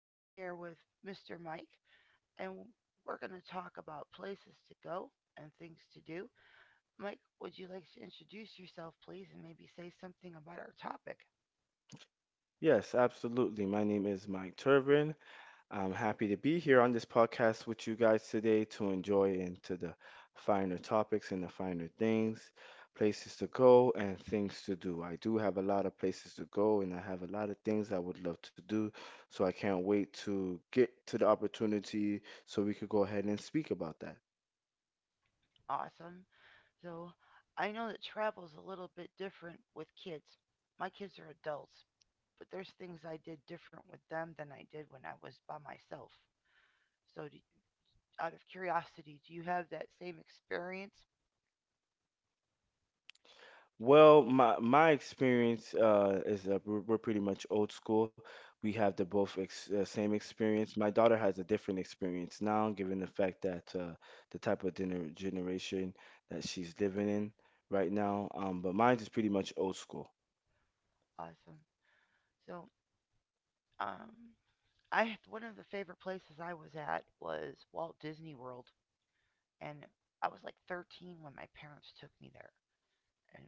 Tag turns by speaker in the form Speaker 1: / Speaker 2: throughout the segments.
Speaker 1: and I'm here with Mr. Mike, and we're going to talk about places to go and things to do. Mike, would you like to introduce yourself, please, and maybe say something about our topic?
Speaker 2: Yes, absolutely. My name is Mike Turbin. I'm happy to be here on this podcast with you guys today to enjoy into the finer topics and the finer things, places to go and things to do. I do have a lot of places to go and I have a lot of things I would love to do, so I can't wait to get to the opportunity so we could go ahead and speak about that.
Speaker 1: Awesome. So, I know that travel's a little bit different with kids. My kids are adults, but there's things I did different with them than I did when I was by myself. So, do, Out of curiosity, do you have that same experience?
Speaker 2: Well, my experience is we're pretty much old school. We have the both ex same experience. My daughter has a different experience now, given the fact that the type of generation that she's living in right now. But mine is pretty much old school.
Speaker 1: Awesome. So, um, I one of the favorite places I was at was Walt Disney World, and I was like 13 when my parents took me there. And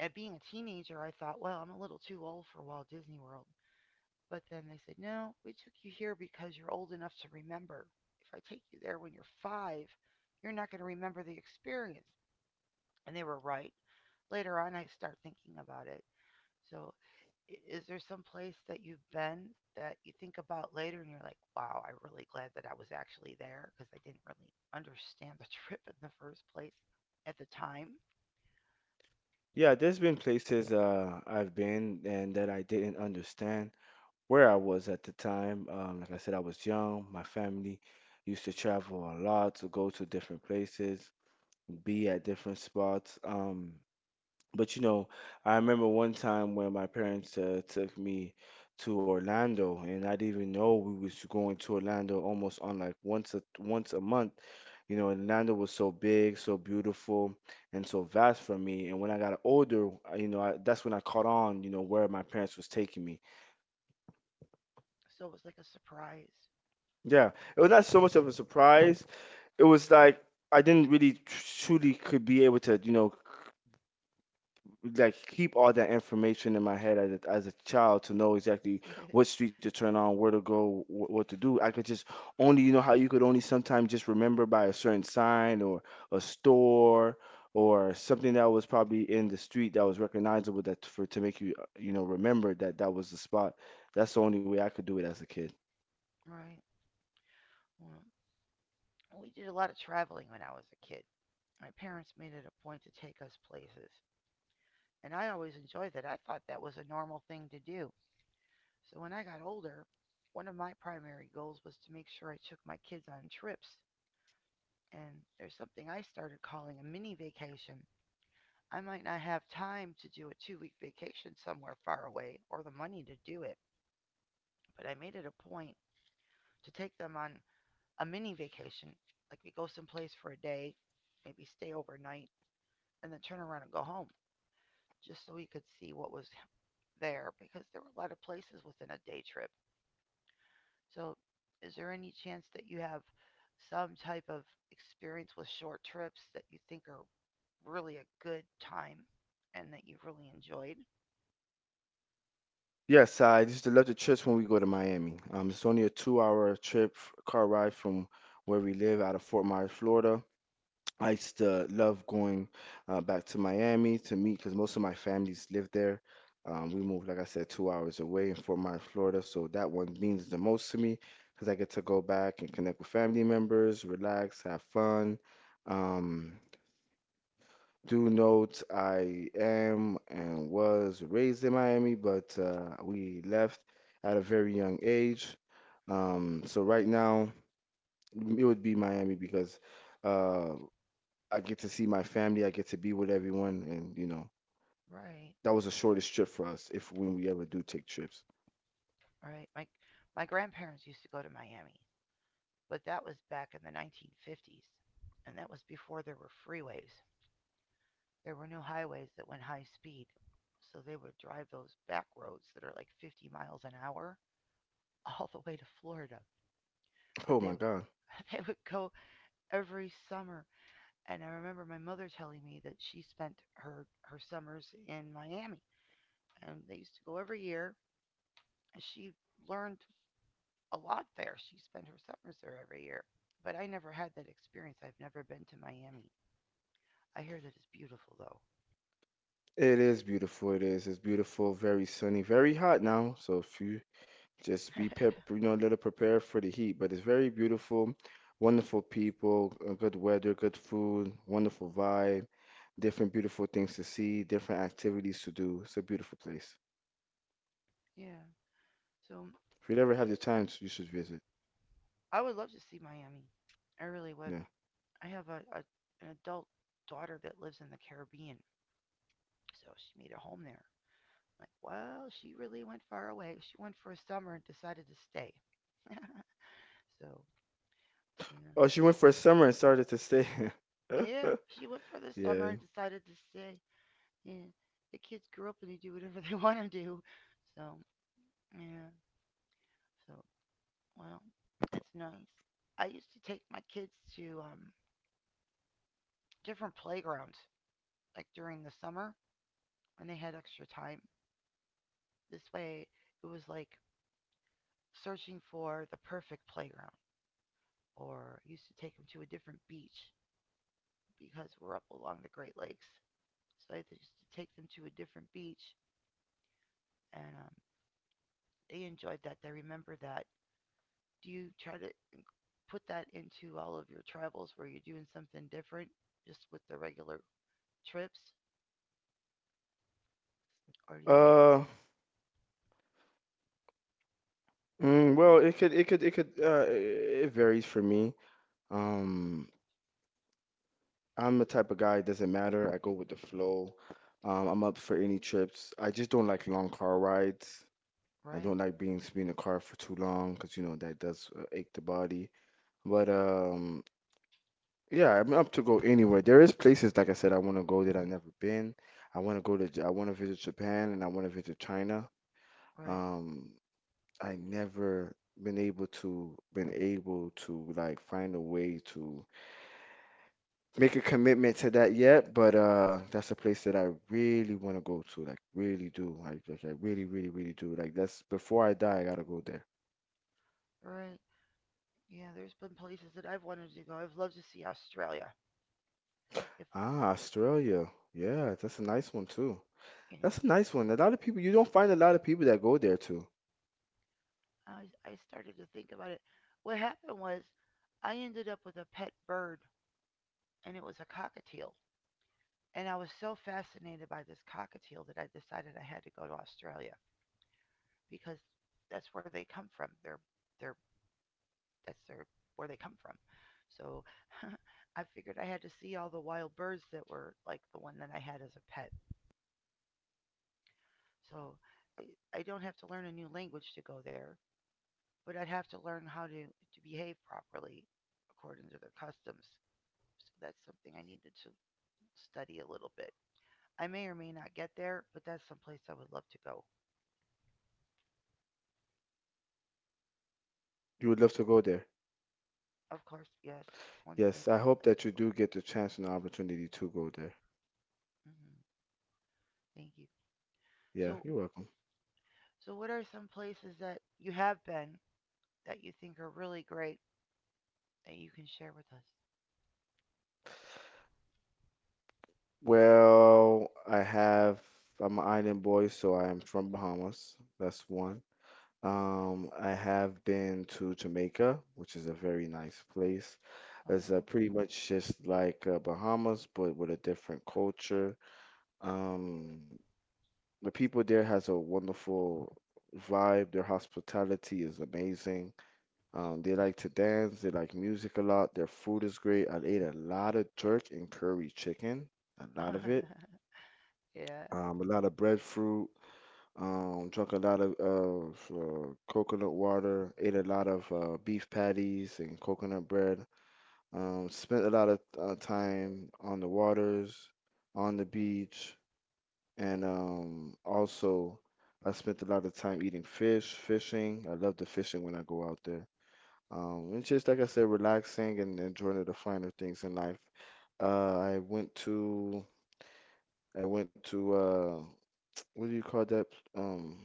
Speaker 1: at being a teenager, I thought, well, I'm a little too old for Walt Disney World. But then they said, no, we took you here because you're old enough to remember. If I take you there when you're five, you're not going to remember the experience. And they were right. Later on, I start thinking about it, so, is there some place that you've been that you think about later and you're like, wow, I'm really glad that I was actually there because I didn't really understand the trip in the first place at the time?
Speaker 2: Yeah, there's been places I've been and that I didn't understand where I was at the time. Like I said, I was young. My family used to travel a lot to go to different places be at different spots. But you know, I remember one time when my parents took me to Orlando, and I didn't even know we was going to Orlando almost on like once a month. You know, Orlando was so big, so beautiful, and so vast for me. And when I got older, you know, I, that's when I caught on, you know, where my parents was taking me.
Speaker 1: So it was like a surprise.
Speaker 2: Yeah, it was not so much of a surprise. It was like I didn't really truly could be able to, you know, like keep all that information in my head as as a child to know exactly what street to turn on, where to go, what to do. I could just only, you know, how you could only sometimes just remember by a certain sign or a store or something that was probably in the street that was recognizable that for to make you, you know, remember that that was the spot. That's the only way I could do it as a kid.
Speaker 1: Right. Well, we did a lot of traveling when I was a kid. My parents made it a point to take us places, and I always enjoyed that. I thought that was a normal thing to do. So when I got older, one of my primary goals was to make sure I took my kids on trips and there's something I started calling a mini vacation. I might not have time to do a 2 week vacation somewhere far away or the money to do it, but I made it a point to take them on a mini vacation. Like we go someplace for a day, maybe stay overnight, and then turn around and go home just so we could see what was there because there were a lot of places within a day trip. So, is there any chance that you have some type of experience with short trips that you think are really a good time and that you've really enjoyed?
Speaker 2: Yes, I used to love the trips when we go to Miami. It's only a two-hour trip, car ride from where we live out of Fort Myers, Florida. I used to love going back to Miami to meet because most of my families live there. We moved, like I said, 2 hours away in Fort Myers, Florida, so that one means the most to me because I get to go back and connect with family members, relax, have fun. Um, do note I am and was raised in Miami, but we left at a very young age. So right now it would be Miami because. Uh, I get to see my family. I get to be with everyone, and you know
Speaker 1: Right,
Speaker 2: that was the shortest trip for us, if when we ever do take trips.
Speaker 1: right. My grandparents used to go to Miami, but that was back in the 1950s, and that was before there were freeways. There were no highways that went high speed, so they would drive those back roads that are like 50 miles an hour all the way to Florida. But
Speaker 2: Oh
Speaker 1: they
Speaker 2: my God,
Speaker 1: they would go every summer. And I remember my mother telling me that she spent her summers in Miami. And they used to go every year. She learned a lot there. She spent her summers there every year. But I never had that experience. I've never been to Miami. I hear that it's beautiful, though.
Speaker 2: it is beautiful. It is. It's beautiful. Very sunny. Very hot now. So if you you know, a little prepared for the heat. But it's very beautiful. Wonderful people. Good weather. Good food. Wonderful vibe. Different beautiful things to see. Different activities to do. It's a beautiful place.
Speaker 1: Yeah. So um,
Speaker 2: If you ever have
Speaker 1: it,
Speaker 2: the time, you should visit.
Speaker 1: I would love to see Miami. I really would.
Speaker 2: Yeah.
Speaker 1: I have a an adult daughter that lives in the Caribbean. So she made a home there. Like, well, she really went far away. She went for a summer and decided to stay. So yeah.
Speaker 2: Oh, she went for a summer and started to stay.
Speaker 1: Yeah. She went for the summer
Speaker 2: Yeah.
Speaker 1: and decided to stay. Yeah. The kids grow up and they do whatever they want to do. So, yeah. So, well, that's nice. I used to take my kids to different playgrounds, like during the summer when they had extra time. This way, it was like searching for the perfect playground. Or I used to take them to a different beach because we're up along the Great Lakes. So I used to take them to a different beach and they enjoyed that. They remember that. Do you try to put that into all of your travels where you're doing something different just with the regular trips? Or do you make.
Speaker 2: Uh, mm, well, it could, it could, it could, it, it varies for me. Um, I'm the type of guy, it doesn't matter. I go with the flow. I'm up for any trips. I just don't like long car rides. I
Speaker 1: Right,
Speaker 2: don't like being in a car for too long because you know that does ache the body. But yeah, I'm up to go anywhere. There is places, like I said, I want to go that I've never been. I want to go I want to visit Japan and I want to visit China.
Speaker 1: right,
Speaker 2: Um, I never been able to like find a way to make a commitment to that yet, but that's a place that I really want to go to, like really do. Like I really, really, really do. Like that's before I die, I gotta go there.
Speaker 1: right. Yeah, there's been places that I've wanted to go. I've loved to see Australia. If
Speaker 2: Ah, Australia. Yeah, that's a nice one too.
Speaker 1: Yeah,
Speaker 2: That's a nice one. A lot of people, you don't find a lot of people that go there too.
Speaker 1: I started to think about it. What happened was I ended up with a pet bird and it was a cockatiel. And I was so fascinated by this cockatiel that I decided I had to go to Australia because that's where they come from. They're that's their Where they come from. So I figured I had to see all the wild birds that were like the one that I had as a pet. So eh, I don't have to learn a new language to go there, but I'd have to learn to behave properly according to their customs. So that's something I needed to study a little bit. I may or may not get there, but that's someplace I would love to go.
Speaker 2: You would love to go there.
Speaker 1: Of course, yes, it's one place
Speaker 2: Yes, I
Speaker 1: I would
Speaker 2: hope
Speaker 1: like to
Speaker 2: that you
Speaker 1: go.
Speaker 2: do get the chance and the opportunity to go there.
Speaker 1: Mm-hmm. Thank you.
Speaker 2: Yeah,
Speaker 1: So,
Speaker 2: you're welcome.
Speaker 1: so what are some places that you have been that you think are really great that you can share with us?
Speaker 2: Well, I have. I'm an island boy, so I'm from Bahamas. That's one. I have been to Jamaica, which is a very nice place. It's
Speaker 1: Oh.
Speaker 2: pretty much just like Bahamas, but with a different culture. Um, the people there has a wonderful vibe. Their hospitality is amazing. They like to dance. They like music a lot. Their food is great. I ate a lot of jerk and curry chicken, a lot of it
Speaker 1: Yeah.
Speaker 2: a lot of breadfruit, drank a lot of coconut water, ate a lot of beef patties and coconut bread, spent a lot of time on the waters, on the beach, and also I spent a lot of time eating fish, fishing. I love the fishing when I go out there. And just like I said, relaxing and enjoying the finer things in life. Uh, I went to I went to what do you call that? Um,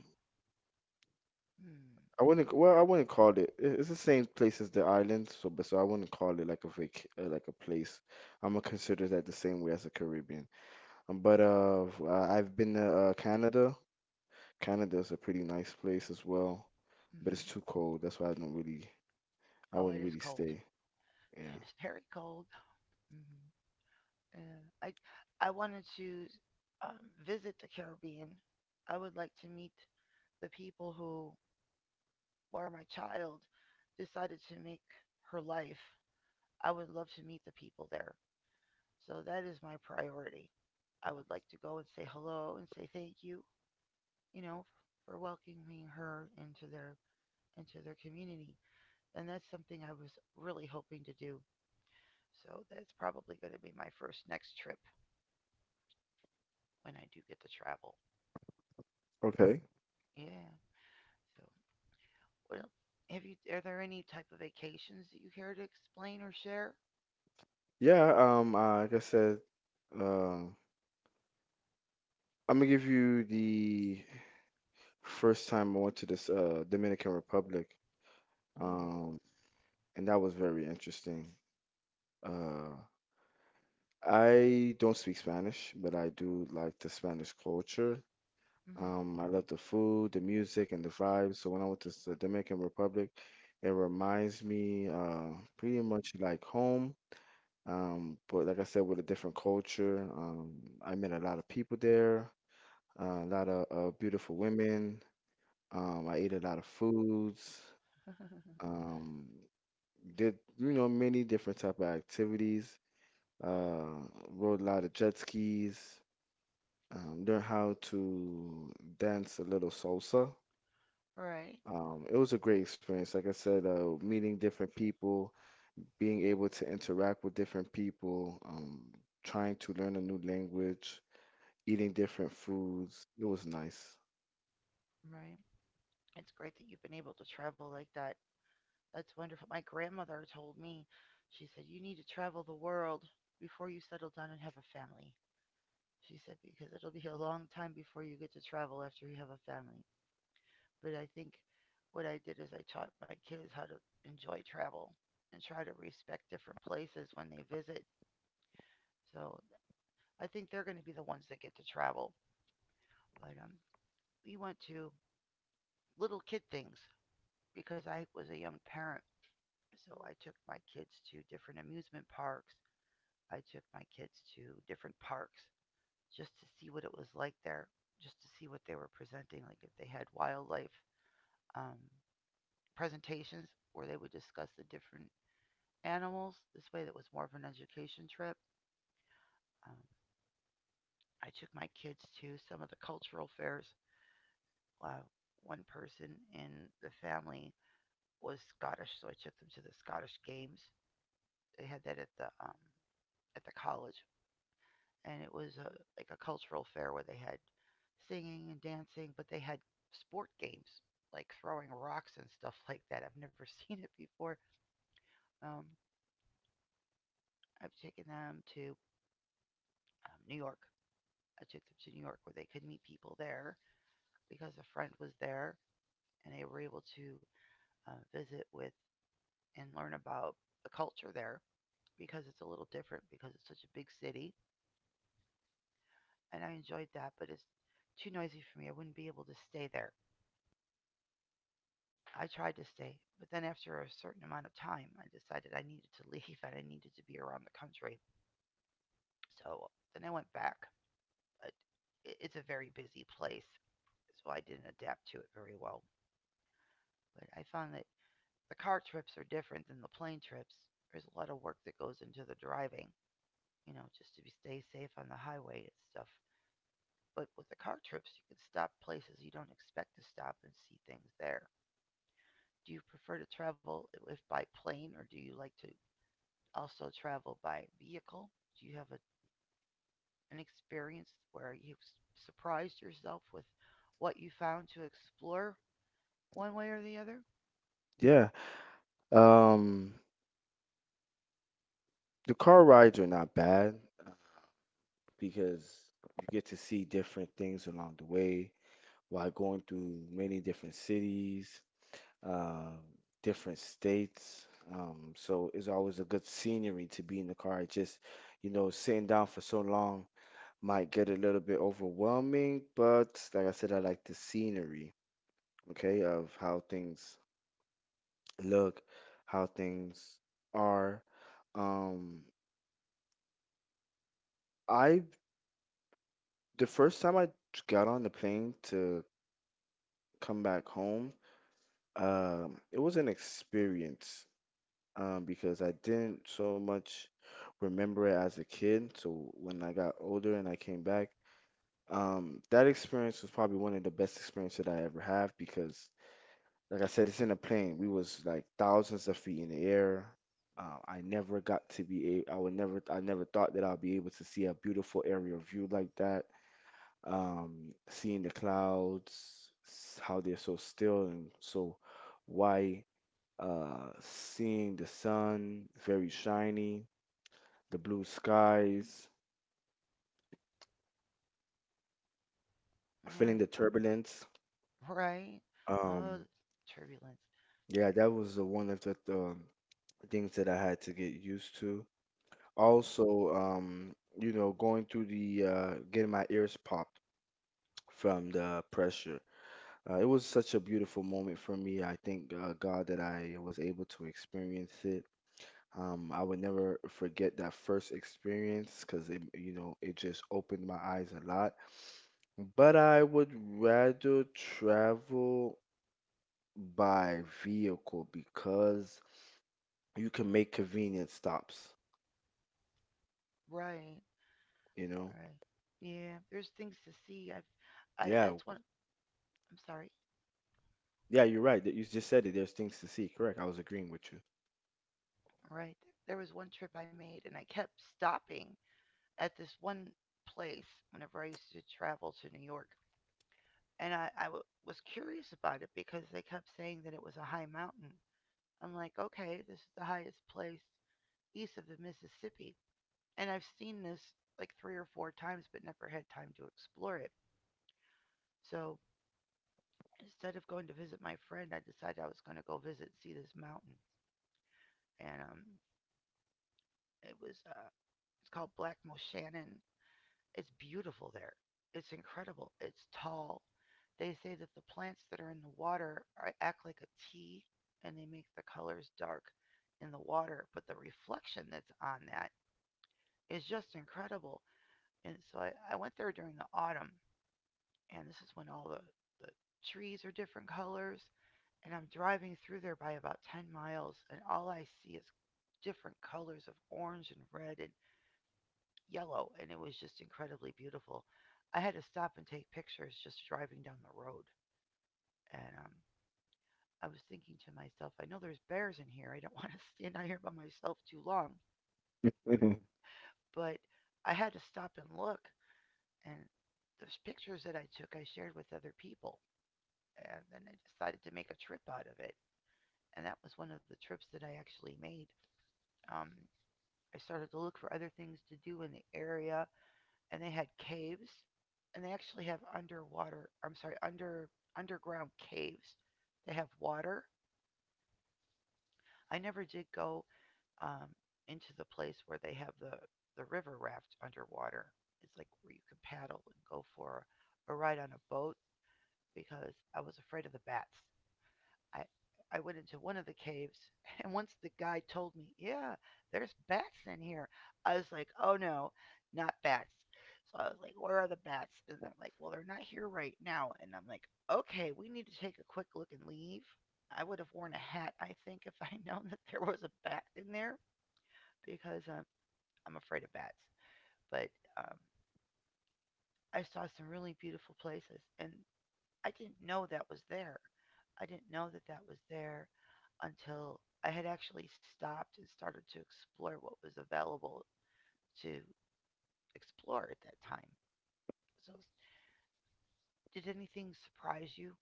Speaker 1: Mm.
Speaker 2: I wouldn't call it. It's the same place as the island, so but so I wouldn't call it like a like a place. I'm gonna consider that the same way as the Caribbean. I've been to Canada. Canada is a pretty nice place as well, but it's
Speaker 1: Hmm.
Speaker 2: too cold. That's why I don't really. I
Speaker 1: Oh, it
Speaker 2: wouldn't
Speaker 1: is
Speaker 2: really
Speaker 1: cold.
Speaker 2: stay. Yeah.
Speaker 1: It's very cold. Hmm. Yeah. I wanted to um, visit the Caribbean. I would like to meet the people who, where my child decided to make her life. I would love to meet the people there. So that is my priority. I would like to go and say hello and say thank you, you know, for welcoming her into their community. And that's something I was really hoping to do. So that's probably going to be my first next trip when I do get to travel.
Speaker 2: Okay.
Speaker 1: Yeah. So, well, Have you? Are there any type of vacations that you care to explain or share?
Speaker 2: Yeah. Like I said. Uh, I'm gonna give you the first time I went to this Dominican Republic.
Speaker 1: Oh.
Speaker 2: Um. and that was very interesting. Uh, I don't speak Spanish, but I do like the Spanish culture. I love the food, the music, and the vibes. So when I went to the Dominican Republic, it reminds me pretty much like home. But like I said, with a different culture, I met a lot of people there, a lot of beautiful women. I ate a lot of foods.
Speaker 1: Mm-hmm.
Speaker 2: Um, did you know many different type of activities uh, rode a lot of jet skis, learned how to dance a little salsa.
Speaker 1: Right.
Speaker 2: It was a great experience. Like I said, meeting different people, being able to interact with different people, trying to learn a new language, eating different foods. It was nice.
Speaker 1: Right. It's great that you've been able to travel like that. That's wonderful. My grandmother told me, she said, you need to travel the world before you settle down and have a family. She said, because it'll be a long time before you get to travel after you have a family. But I think what I did is I taught my kids how to enjoy travel and try to respect different places when they visit. So I think they're going to be the ones that get to travel. But we went to little kid things because I was a young parent. So I took my kids to different amusement parks. I took my kids to different parks just to see what it was like there, just to see what they were presenting, like if they had wildlife um, presentations where they would discuss the different animals. This way, that was more of an education trip. Um, I took my kids to some of the cultural fairs. Wow. One person in the family was Scottish, so I took them to the Scottish Games. They had that at the college, and it was like a cultural fair where they had singing and dancing, but they had sport games like throwing rocks and stuff like that. I've never seen it before. Um, I've taken them to New York. I took them to New York where they could meet people there because a friend was there and they were able to visit with and learn about the culture there because it's a little different because it's such a big city. And I enjoyed that, but it's too noisy for me. I wouldn't be able to stay there. I tried to stay, but then after a certain amount of time, I decided I needed to leave and I needed to be around the country. So then I went back. But it's a very busy place, so I didn't adapt to it very well. But I found that the car trips are different than the plane trips. There's a lot of work that goes into the driving, you know, stay safe on the highway and stuff. But with the car trips, you can stop places you don't expect to stop and see things there. Do you prefer to travel if by plane, or do you like to also travel by vehicle? Do you have an experience where you surprised yourself with what you found to explore one way or the other?
Speaker 2: Yeah. Um, the car rides are not bad uh, because you get to see different things along the way while going through many different cities, um, different states. So it's always a good scenery to be in the car. It just, you know, sitting down for so long might get a little bit overwhelming, but like I said, I like the scenery, okay, of how things look, how things are. Um, I the first time I got on the plane to come back home, it was an experience. Because I didn't so much remember it as a kid. So when I got older and I came back, that experience was probably one of the best experiences that I ever have because, like I said, it's in a plane. We was like thousands of feet in the air. I never got to be a, I would never, I never thought that I'd be able to see a beautiful aerial view like that. Seeing the clouds, how they're so still and so why seeing the sun very shiny, the blue skies, feeling
Speaker 1: Yeah,
Speaker 2: the turbulence.
Speaker 1: right. Oh,
Speaker 2: Um,
Speaker 1: turbulence.
Speaker 2: yeah, that was the one of the things that I had to get used to. Also, you know, going through the getting my ears popped from the pressure. It was such a beautiful moment for me. I thank God that I was able to experience it. I would never forget that first experience because it, you know, it just opened my eyes a lot. But I would rather travel by vehicle because you can make convenient stops,
Speaker 1: Right.
Speaker 2: you know?
Speaker 1: Right. Yeah, there's things to see. I've, I
Speaker 2: Yeah,
Speaker 1: that's
Speaker 2: w-
Speaker 1: one. I'm Sorry.
Speaker 2: yeah, you're right. that You just said it. There's things to see. Correct. I was agreeing with you.
Speaker 1: Right. There was one trip I made, and I kept stopping at this one place whenever I used to travel to New York, and was curious about it because they kept saying that it was a high mountain. I'm like, okay, this is the highest place east of the Mississippi, and I've seen this like three or four times, but never had time to explore it. So instead of going to visit my friend, I decided I was going to go visit see this mountain and It was uh, it's called Blackmoor Shannon. It's beautiful there. It's incredible. It's tall. They say that the plants that are in the water are, act like a tea, and they make the colors dark in the water. But the reflection that's on that is just incredible. And so I went there during the autumn, and this is when all the trees are different colors. And I'm driving through there by about 10 miles, and all I see is different colors of orange and red and yellow, and it was just incredibly beautiful. I had to stop and take pictures just driving down the road. And I was thinking to myself, I know there's bears in here. I don't want to stand out here by myself too long.
Speaker 2: Mhm.
Speaker 1: But I had to stop and look. And those pictures that I took, I shared with other people. And then I decided to make a trip out of it. And that was one of the trips that I actually made. Um, I started to look for other things to do in the area, and they had caves, and they actually have underwater. I'm sorry, underground caves. They have water. I never did go um, into the place where they have the river raft underwater. It's like where you can paddle and go for a ride on a boat because I was afraid of the bats. I I went into one of the caves, and once the guide told me, "Yeah, there's bats in here." I was like, "Oh no, not bats." So I was like, "Where are the bats?" And they're like, "Well, they're not here right now." And I'm like, "Okay, we need to take a quick look and leave." I would have worn a hat, I think, if I known that there was a bat in there because I'm afraid of bats. But um, I saw some really beautiful places, and I didn't know that was there. I didn't know that that was there until I had actually stopped and started to explore what was available to explore at that time. So, did anything surprise you?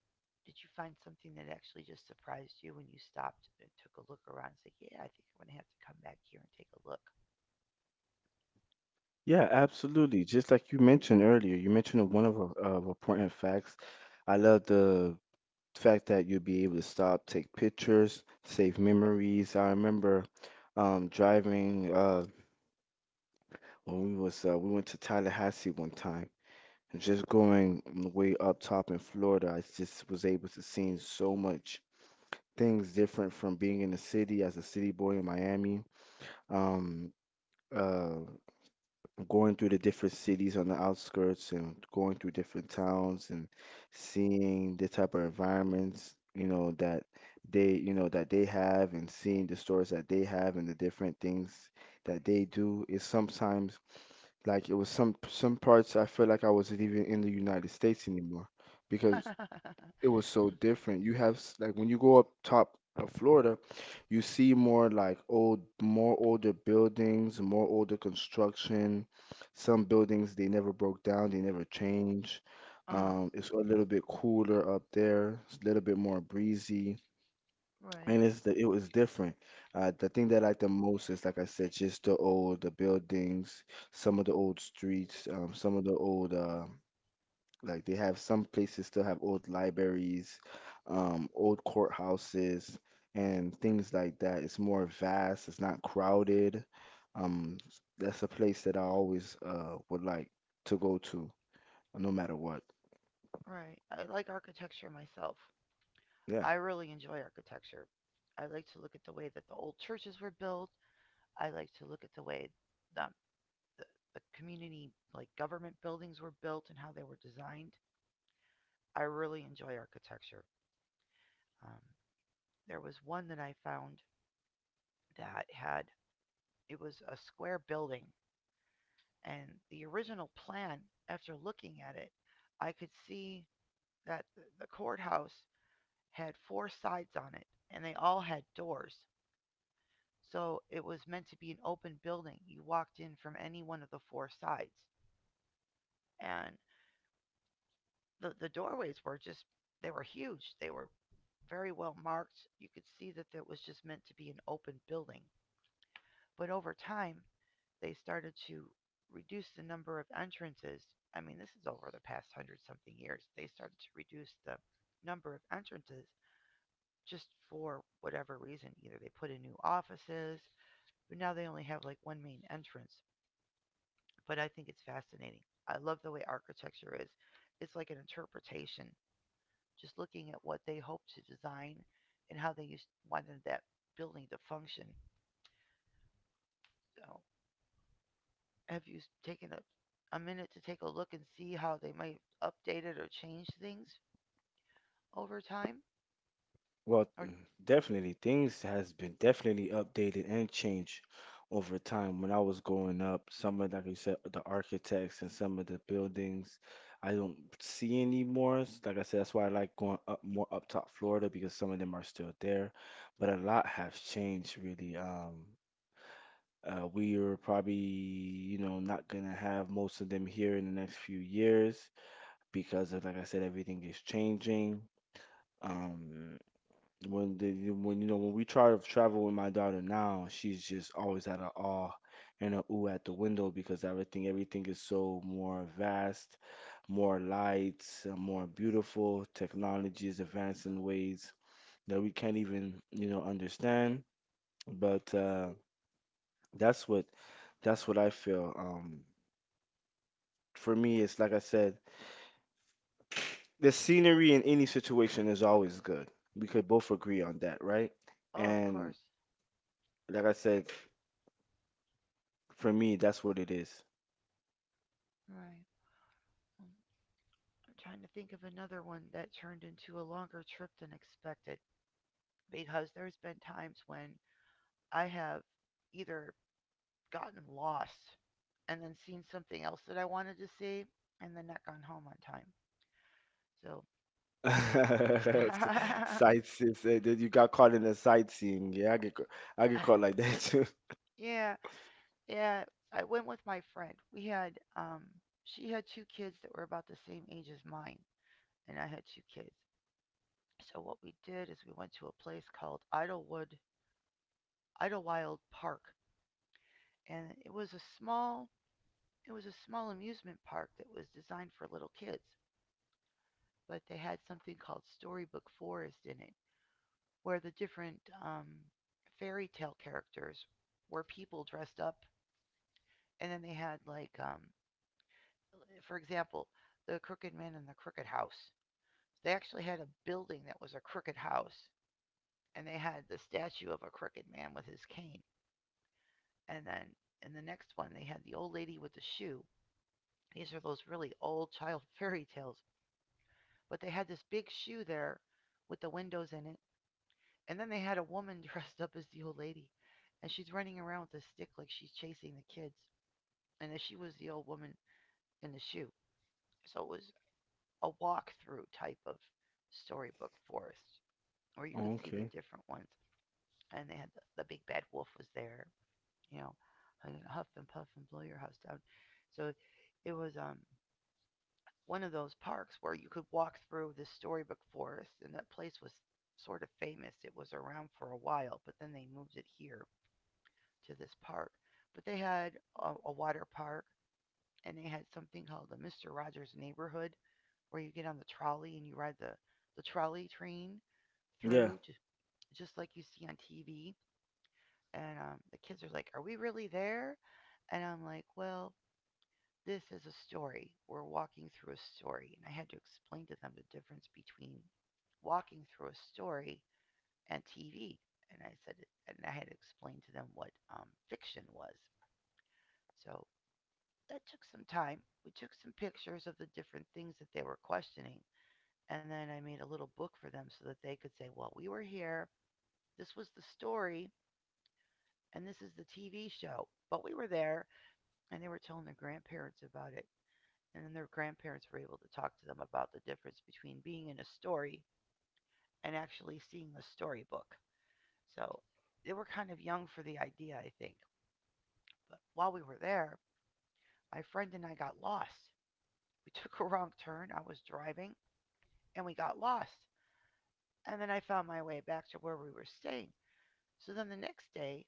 Speaker 1: Did you find something that actually just surprised you when you stopped and took a look around and said, Yeah, I think I'm going to have to come back here and take a look?
Speaker 2: Yeah, absolutely. Just like you mentioned earlier, you mentioned one of our important facts. I love the fact that you'll be able to stop, take pictures, save memories. I remember driving when we was we went to Tallahassee one time, and just going way up top in Florida, I just was able to see so much things different from being in the city as a city boy in Miami. Um, uh, Going through the different cities on the outskirts and going through different towns and seeing the type of environments, you know, that that they have, and seeing the stores that they have and the different things that they do is sometimes like it was some parts I feel like I wasn't even in the United States anymore because it was so different. You have like when you go up top of Florida, you see more like old, more older buildings, more older construction. Some buildings they never broke down, they never changed.
Speaker 1: Uh huh.
Speaker 2: It's a little bit cooler up there. It's a little bit more breezy, and
Speaker 1: Right.
Speaker 2: it was different. The thing that I like the most is, like I said, just the buildings, some of the old streets, some of the old. Like they have, some places still have old libraries, old courthouses, and things like that. It's more vast. It's not crowded. Um, that's a place that I always would like to go to, no matter what.
Speaker 1: Right. I like architecture myself.
Speaker 2: Yeah.
Speaker 1: I really enjoy architecture. I like to look at the way that the old churches were built. I like to look at the way the the, the, community like government buildings were built and how they were designed. I really enjoy architecture. Um, there was one that I found that had it was a square building, and the original plan, after looking at it, I could see that the courthouse had four sides on it, and they all had doors. So it was meant to be an open building. You walked in from any one of the four sides, and the doorways were just they were huge. They were very well marked. You could see that it was just meant to be an open building. But over time, they started to reduce the number of entrances. I mean, this is over the past hundred something years. They started to reduce the number of entrances just for whatever reason. Either they put in new offices, but now they only have like one main entrance. But I think it's fascinating. I love the way architecture is. It's like an interpretation just looking at what they hope to design and how they used, wanted that building to function. So, have you taken a minute to take a look and see how they might update it or change things over time?
Speaker 2: Well,
Speaker 1: Or,
Speaker 2: definitely things has been definitely updated and changed over time. When I was growing up, some of, like you said, the architects and some of the buildings I don't see anymore. Like I said, that's why I like going up more up top Florida, because some of them are still there. But a lot has changed really. We are probably, you know, not gonna have most of them here in the next few years because of, like I said, everything is changing. Um, when you know, when we try to travel with my daughter now, she's just always at a awe and a ooh at the window because everything is so more vast, more lights, more beautiful. Technology is advancing in ways that we can't even, you know, understand. But that's what that's what I feel. For me, it's like I said, the scenery in any situation is always good. We could both agree on that, right?
Speaker 1: oh, of
Speaker 2: And
Speaker 1: course.
Speaker 2: like I said. For me, that's what it is.
Speaker 1: Right. Um, I'm trying to think of another one that turned into a longer trip than expected because there's been times when I have either gotten lost and then seen something else that I wanted to see and then not gone home on time. So
Speaker 2: It's Sightseeing. So that You got caught in the sightseeing. Yeah, I get caught like that too.
Speaker 1: yeah, yeah. I went with my friend. We had she had two kids that were about the same age as mine, and I had two kids. So what we did is we went to a place called Idlewood Idlewild Park, and it was a small it was a small amusement park that was designed for little kids, but they had something called Storybook Forest in it, where the different fairy tale characters were people dressed up, and then they had like for example, the crooked man and the crooked house. They actually had a building that was a crooked house, and they had the statue of a crooked man with his cane. And then in the next one, they had the old lady with the shoe. These are those really old child fairy tales, but they had this big shoe there with the windows in it. And then they had a woman dressed up as the old lady, and she's running around with a stick like she's chasing the kids. And then she was the old woman in the shoe. So it was a walkthrough type of storybook forest, where you could
Speaker 2: Oh,
Speaker 1: see the
Speaker 2: okay.
Speaker 1: different ones. And they had the big bad wolf was there, you know, huff and puff and blow your house down. So it was one of those parks where you could walk through this storybook forest, and that place was sort of famous. It was around for a while, but then they moved it here to this park. But they had a water park, and they had something called the Mister Rogers Neighborhood, where you get on the trolley and you ride the trolley train
Speaker 2: Yeah.
Speaker 1: through, just like you see on TV. And the kids are like, "Are we really there?" And I'm like, "Well, this is a story. We're walking through a story." And I had to explain to them the difference between walking through a story and TV. And I said, and I had to explain to them what fiction was. So that took some time. We took some pictures of the different things that they were questioning. And then I made a little book for them so that they could say, well, we were here. This was the story. And this is the TV show. But we were there. And they were telling their grandparents about it. And then their grandparents were able to talk to them about the difference between being in a story and actually seeing the storybook. So they were kind of young for the idea, I think. But while we were there, my friend and I got lost. We took a wrong turn. I was driving and we got lost. And then I found my way back to where we were staying. So then the next day,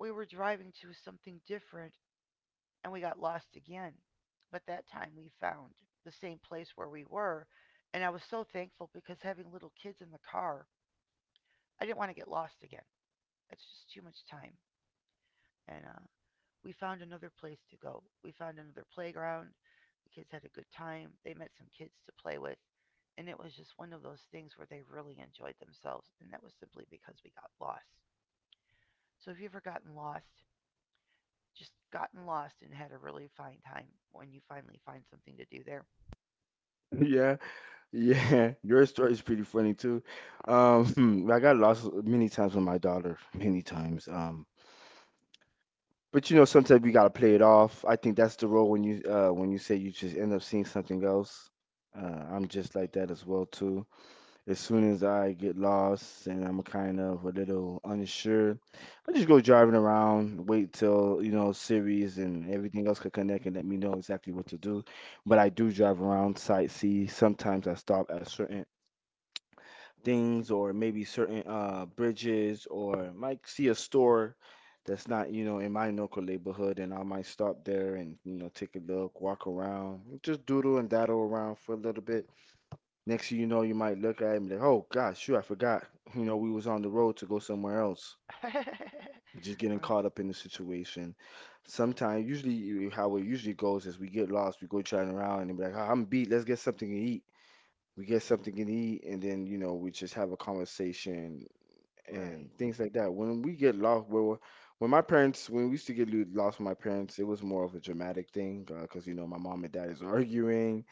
Speaker 1: we were driving to something different and we got lost again. But that time we found the same place where we were, and I was so thankful because having little kids in the car, I didn't want to get lost again. It's just too much time. And we found another place to go. We found another playground. The kids had a good time. They met some kids to play with. And it was just one of those things where they really enjoyed themselves. And that was simply because we got lost. So if you've ever gotten lost, just gotten lost and had a really fine time when you finally find something to do there,
Speaker 2: Yeah. Yeah, your story is pretty funny too. I got lost many times with my daughter, many times. But you know, sometimes we gotta play it off. I think that's the role when you say you just end up seeing something else. Uh, I'm just like that as well too. As soon as I get lost and I'm kind of a little unsure, I just go driving around, wait till, you know, series and everything else could connect and let me know exactly what to do. But I do drive around, sightsee. Sometimes I stop at certain things, or maybe certain bridges, or might see a store that's not, you know, in my local neighborhood, and I might stop there and, you know, take a look, walk around, just doodle and daddle around for a little bit. Next thing you know, you might look at it and be like, oh gosh, shoot, I forgot. You know, we was on the road to go somewhere else. Just getting
Speaker 1: right.
Speaker 2: caught up in the situation. Sometimes, usually, how it usually goes is we get lost, we go chatting around, and be like, "Ah, I'm beat, let's get something to eat. We get something to eat, and then, you know, we just have a conversation
Speaker 1: Right.
Speaker 2: and things like that. When we get lost, where when my parents, when we used to lost with my parents, it was more of a dramatic thing because, you know, my mom and dad is arguing,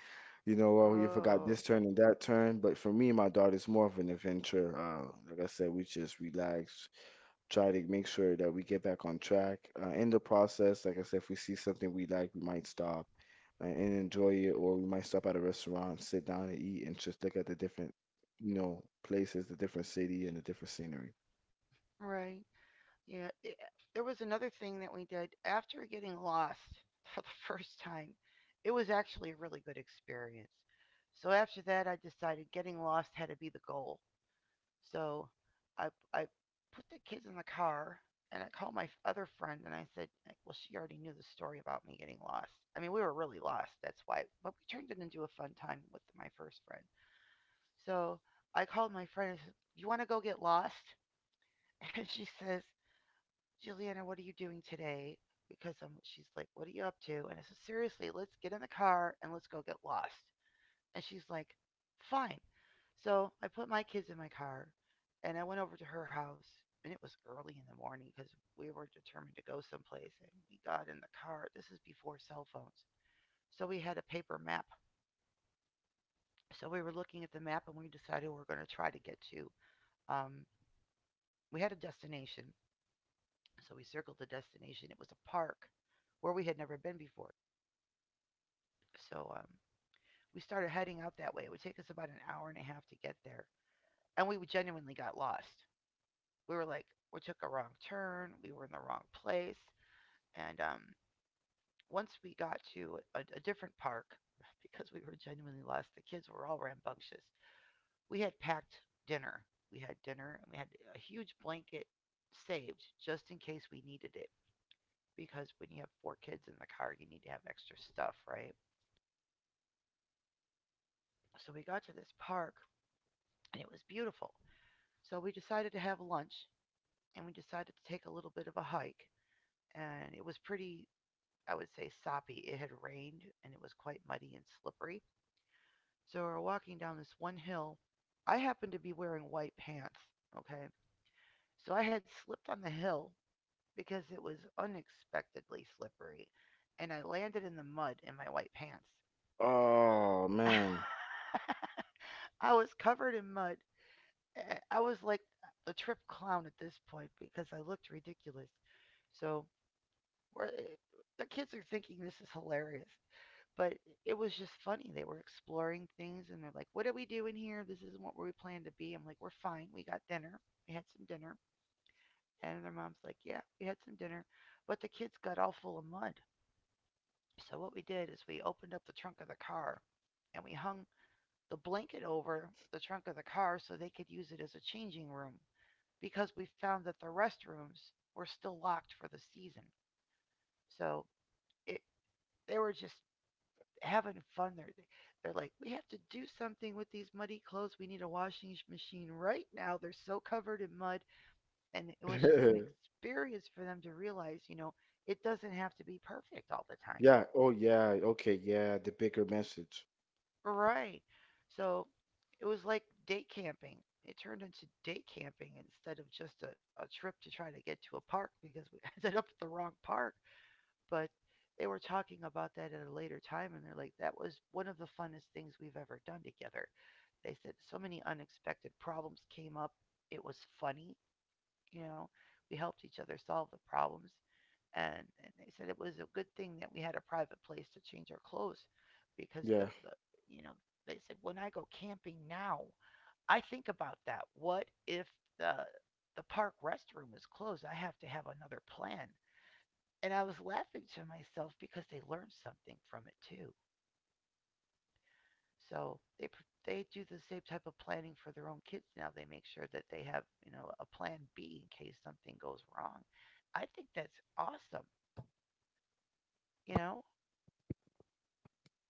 Speaker 2: you know, oh, you forgot this
Speaker 1: Oh,
Speaker 2: turn and that turn. But for me and my daughter, it's more of an adventure. Like I said, we just relax, try to make sure that we get back on track. In the process, like I said, if we see something we like, we might stop and enjoy it, or we might stop at a restaurant, sit down and eat, and just look at the different, you know, places, the different city, and the different scenery.
Speaker 1: right. Yeah. There was another thing that we did after getting lost for the first time. It was actually a really good experience. So after that, I decided getting lost had to be the goal. So I put the kids in the car and I called my other friend and I said, like, well, she already knew the story about me getting lost. I mean, we were really lost. That's why, but we turned it into a fun time with my first friend. So I called my friend. I said, "You want to go get lost?" And she says, "Juliana, what are you doing today?" Because I'm, she's like, "What are you up to?" And I said, "Seriously, let's get in the car and let's go get lost." And she's like, "Fine." So I put my kids in my car and I went over to her house. And it was early in the morning because we were determined to go someplace. And we got in the car. This is before cell phones. So we had a paper map. So we were looking at the map and we decided we were going to try to get to um, we had a destination, so we circled the destination. It was a park where we had never been before. So um, we started heading out that way. It would take us about an hour and a half to get there. And we genuinely got lost. We were like, we took a wrong turn. We were in the wrong place. And Once we got to a different park, because we were genuinely lost, the kids were all rambunctious. We had packed dinner. We had dinner and we had a huge blanket saved just in case we needed it. Because when you have four kids in the car, you need to have extra stuff, right? So we got to this park and it was beautiful. So we decided to have lunch and we decided to take a little bit of a hike. And it was pretty, I would say, soppy. It had rained and it was quite muddy and slippery. So we're walking down this one hill. I happened to be wearing white pants, okay? So I had slipped on the hill because it was unexpectedly slippery and I landed in the mud in my white pants.
Speaker 2: Oh man.
Speaker 1: I was covered in mud. I was like a trip clown at this point because I looked ridiculous. So we're, eh, the kids are thinking this is hilarious, but it was just funny. They were exploring things and they're like, "What are we doing here? This isn't what we planned to be." I'm like, "We're fine. We got dinner. We had some dinner." And their mom's like, "Yeah, we had some dinner, but the kids got all full of mud." So what we did is we opened up the trunk of the car and we hung the blanket over the trunk of the car so they could use it as a changing room. Because we found that the restrooms were still locked for the season. So it they were just having fun there. They- are like, we have to do something with these muddy clothes. We need a washing machine right now. They're so covered in mud, and it was just an experience for them to realize, it doesn't have to be perfect all the time.
Speaker 2: Yeah. Oh yeah. Okay. Yeah. The bigger message.
Speaker 1: Right. So it was like day camping. It turned into day camping instead of just a trip to try to get to a park because we ended up at the wrong park. But they were talking about that at a later time and they're like that was one of the funnest things we've ever done together. They said so many unexpected problems came up. It was funny you know we helped each other solve the problems, and they said it was a good thing that we had a private place to change our clothes, because the,
Speaker 2: Yeah.
Speaker 1: the you know they said when I go camping now I think about that. What if the the park restroom is closed, I have to have another plan. And I was laughing to myself because they learned something from it too. So they do the same type of planning for their own kids now. They make sure that they have a plan B in case something goes wrong. I think that's awesome. You know,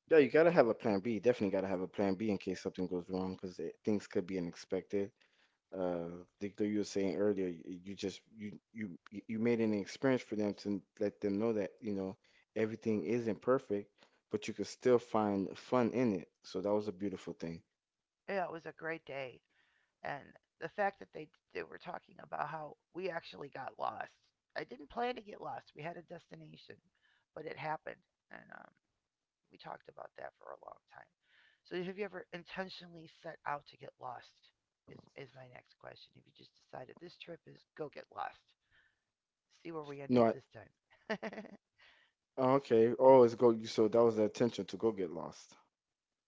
Speaker 2: Yeah, you gotta have a plan B. Definitely gotta have a plan B in case something goes wrong, because things could be unexpected. Uh, like you were saying earlier, y- you just you you you made an experience for them to let them know that, you know, everything isn't perfect, but you could still find fun in it. So that was a beautiful thing.
Speaker 1: yeah, it was a great day, and the fact that they were talking about how we actually got lost. I didn't plan to get lost. We had a destination, but it happened, and we talked about that for a long time. So have you ever intentionally set out to get lost? Is my next question. If you just decided this trip is go get lost. See where we end
Speaker 2: No,
Speaker 1: up
Speaker 2: I,
Speaker 1: this time.
Speaker 2: oh, okay. Oh, it's go. So that was the intention to go get lost.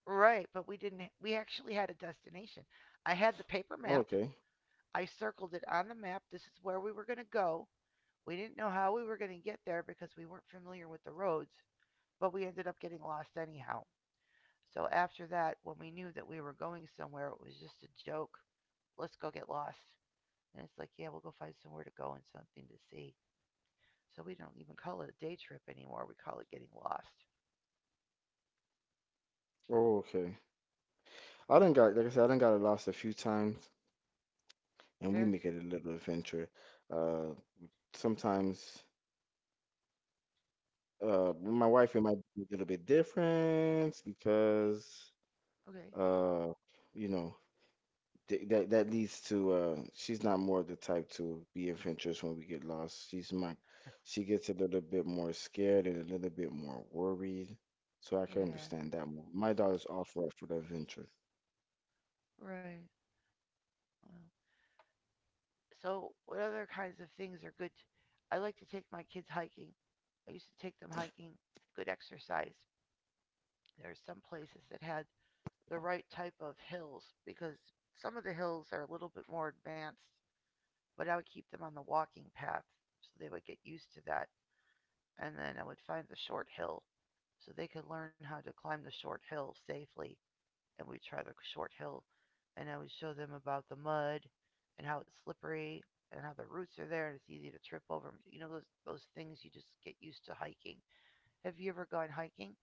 Speaker 1: Right, but we didn't, we actually had a destination. I had the paper
Speaker 2: Oh,
Speaker 1: map.
Speaker 2: okay.
Speaker 1: I circled it on the map. This is where we were going to go. We didn't know how we were going to get there because we weren't familiar with the roads, but we ended up getting lost anyhow. So after that, when we knew that we were going somewhere, it was just a joke. Let's go get lost. And it's like, yeah, we'll go find somewhere to go and something to see. So we don't even call it a day trip anymore. We call it getting lost.
Speaker 2: Oh, okay. I done got, like I said, I done got lost a few times, and we
Speaker 1: Yeah.
Speaker 2: make it a little adventure. Uh, Sometimes. My wife and I be a little bit different because
Speaker 1: Okay.
Speaker 2: uh, you know, th that that leads to she's not more the type to be adventurous when we get lost. She gets a little bit more scared and a little bit more worried. So I can
Speaker 1: Yeah.
Speaker 2: understand that more. My daughter's all for the adventure.
Speaker 1: Right. Well, so what other kinds of things are good? I like to take my kids hiking. I used to take them hiking. Good exercise. There's some places that had the right type of hills because some of the hills are a little bit more advanced, but I would keep them on the walking path so they would get used to that. And then I would find the short hill so they could learn how to climb the short hill safely. And we'd try the short hill, and I would show them about the mud and how it's slippery and how the roots are there and it's easy to trip over 'em. You know those things you just get used to hiking. Have you ever gone hiking?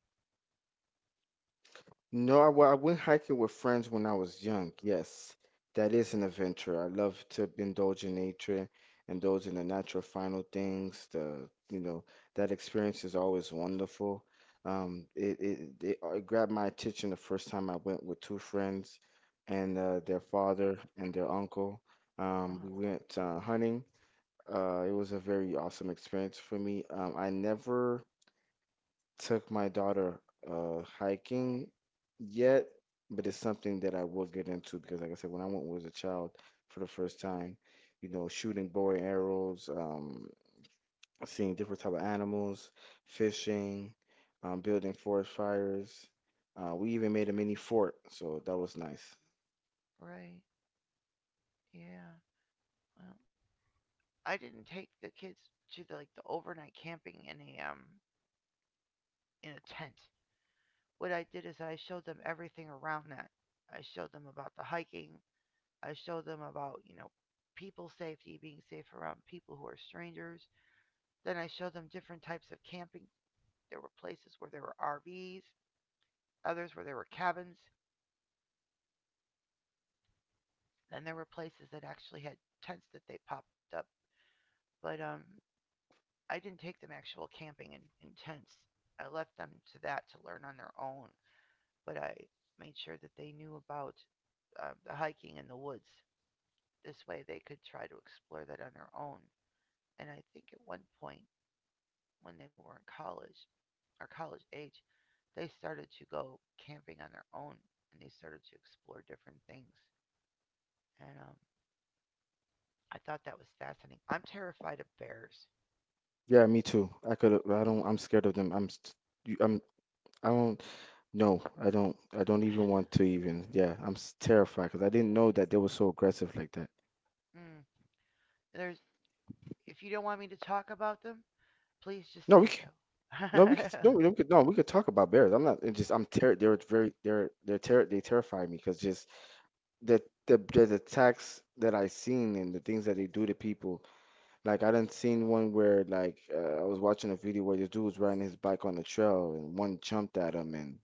Speaker 2: No, I, well, I went hiking with friends when I was young. Yes, that is an adventure. I love to indulge in nature, indulge in the natural final things. The, you know, that experience is always wonderful. It grabbed my attention the first time I went with two friends and their father and their uncle.
Speaker 1: Uh huh.
Speaker 2: We went hunting. It was a very awesome experience for me. I never took my daughter hiking yet, but it's something that I will get into because, like I said, when I went was a child for the first time, you know, shooting bow and arrows, seeing different type of animals, fishing, building forest fires. We even made a mini fort, so that was nice.
Speaker 1: Right. Yeah. Well, I didn't take the kids to the like the overnight camping in a tent. What I did is I showed them everything around that. I showed them about the hiking. I showed them about, you know, people safety, being safe around people who are strangers. Then I showed them different types of camping. There were places where there were RVs, others where there were cabins, then there were places that actually had tents that they popped up. But I didn't take them actual camping in tents. I left them to that to learn on their own. But I made sure that they knew about the hiking in the woods. This way they could try to explore that on their own. And I think at one point when they were in college or college age, they started to go camping on their own and they started to explore different things. And I thought that was fascinating. I'm terrified of bears.
Speaker 2: Yeah, me too. I could. I don't. I'm scared of them. I'm. St- you- I'm. I don't. No, I don't. I don't even want to even. Yeah, terrified because I didn't know that they were so aggressive like that.
Speaker 1: Mm, there's if you don't want me to talk about them, please just
Speaker 2: No, we
Speaker 1: say
Speaker 2: can. No, we could.
Speaker 1: so.
Speaker 2: No, we could. No, we could talk about bears. I'm not. It's just I'm terror. They're very. They're terror. They terrify me because just the the attacks that I seen and the things that they do to people. Like I done seen one where like I was watching a video where this dude was riding his bike on the trail and one jumped at him and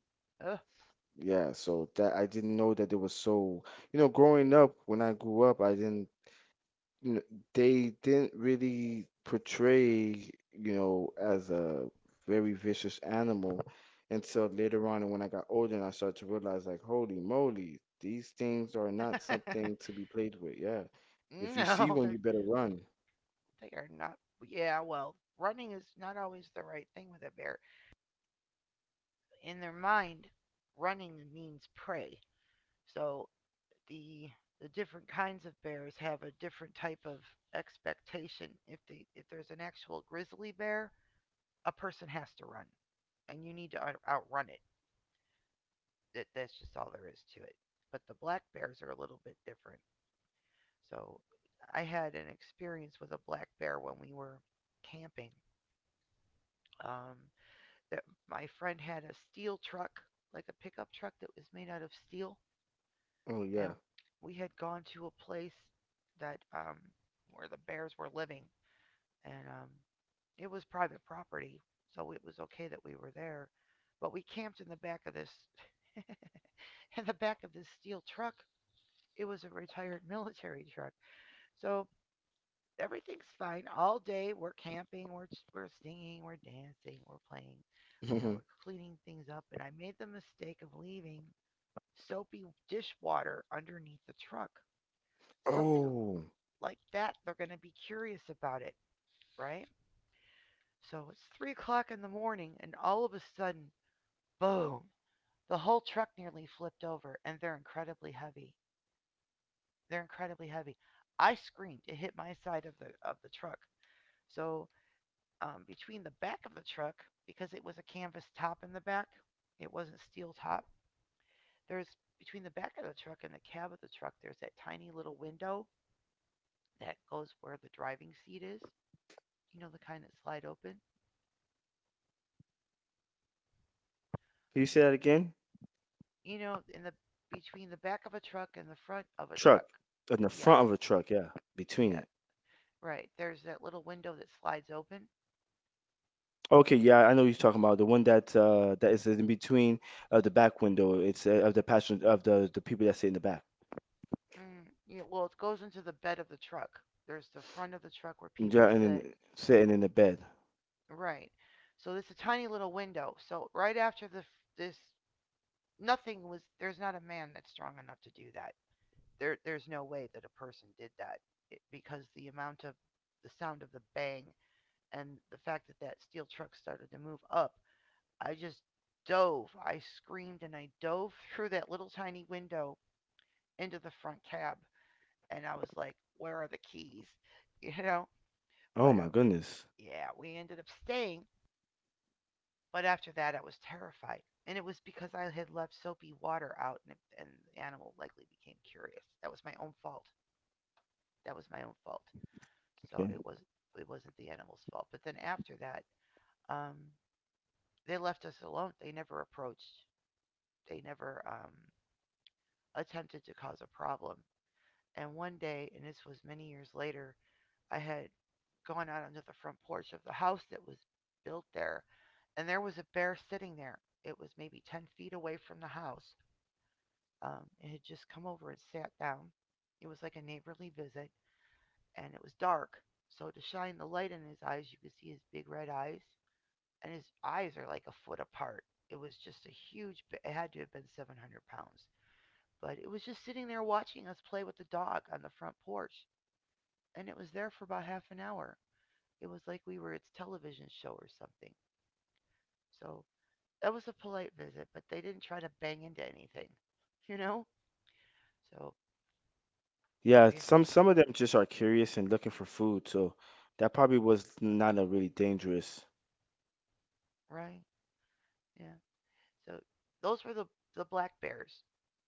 Speaker 2: yeah. So that I didn't know that they were so. You know, growing up when I grew up, I didn't, you know, they didn't really portray, you know, as a very vicious animal until later on. And when I got older and I started to realize, like, holy moly, these things are not something to be played with. Yeah. If you see
Speaker 1: No,
Speaker 2: one,
Speaker 1: they're
Speaker 2: you better run.
Speaker 1: they are not. Yeah, well, running is not always the right thing with a bear. In their mind, running means prey. So the the different kinds of bears have a different type of expectation. If they if there's an actual grizzly bear, a person has to run, and you need to outrun it. That's just all there is to it. But the black bears are a little bit different. So I had an experience with a black bear when we were camping. Um, that my friend had a steel truck, like a pickup truck that was made out of steel,
Speaker 2: Oh,
Speaker 1: and
Speaker 2: yeah.
Speaker 1: we had gone to a place that where the bears were living and it was private property, so it was okay that we were there, but we camped in the back of this in the back of this steel truck. It was a retired military truck. So everything's fine all day. We're camping, we're singing, we're dancing, we're playing, you know, we're cleaning things up and I made the mistake of leaving soapy dishwater underneath the truck. Something
Speaker 2: Oh,
Speaker 1: like that, they're going to be curious about it, right? So it's 3 o'clock in the morning, and all of a sudden, boom, the whole truck nearly flipped over, and they're incredibly heavy. They're incredibly heavy. I screamed. It hit my side of the truck. So between the back of the truck, because it was a canvas top in the back, it wasn't steel top, there's between the back of the truck and the cab of the truck, there's that tiny little window that goes where the driving seat is. You know, the kind that slide open.
Speaker 2: can you say that again?
Speaker 1: You know, in the between the back of a truck and the front of a truck.
Speaker 2: Truck. In the
Speaker 1: Yes.
Speaker 2: front of a truck, yeah. Between
Speaker 1: Yeah.
Speaker 2: it.
Speaker 1: Right. There's that little window that slides open.
Speaker 2: Okay, yeah, I know what you're talking about. The one that that is in between of the back window. It's of the passenger of the people that sit in the back.
Speaker 1: Mm, yeah. Well, it goes into the bed of the truck. There's the front of the truck where people
Speaker 2: Yeah, and
Speaker 1: sit.
Speaker 2: then sitting in the bed.
Speaker 1: Right. So this is a tiny little window. So right after the this, nothing was. There's not a man that's strong enough to do that. There's no way that a person did that it, because the amount of the sound of the bang and the fact that that steel truck started to move up I just dove. I screamed and I dove through that little tiny window into the front cab. And I was like, where are the keys? You know?
Speaker 2: Oh
Speaker 1: But
Speaker 2: my goodness.
Speaker 1: yeah, we ended up staying. But after that, I was terrified. And it was because I had left soapy water out and the animal likely became curious. That was my own fault. That was my own fault. So
Speaker 2: Okay.
Speaker 1: it was it wasn't the animal's fault. But then after that, um, they left us alone. They never approached. They never attempted to cause a problem. And one day, and this was many years later, I had gone out onto the front porch of the house that was built there, and there was a bear sitting there. It was maybe 10 feet away from the house. It had just come over and sat down. It was like a neighborly visit, and it was dark. So, to shine the light in his eyes, you could see his big red eyes, and his eyes are like a foot apart. It was just a huge, it had to have been 700 pounds. But it was just sitting there watching us play with the dog on the front porch, and it was there for about half an hour. It was like we were its television show or something. So that was a polite visit, but they didn't try to bang into anything, you know? So have
Speaker 2: Yeah,
Speaker 1: you ever,
Speaker 2: some of them just are curious and looking for food, so that probably was not a really dangerous.
Speaker 1: right? Yeah. So those were the black bears.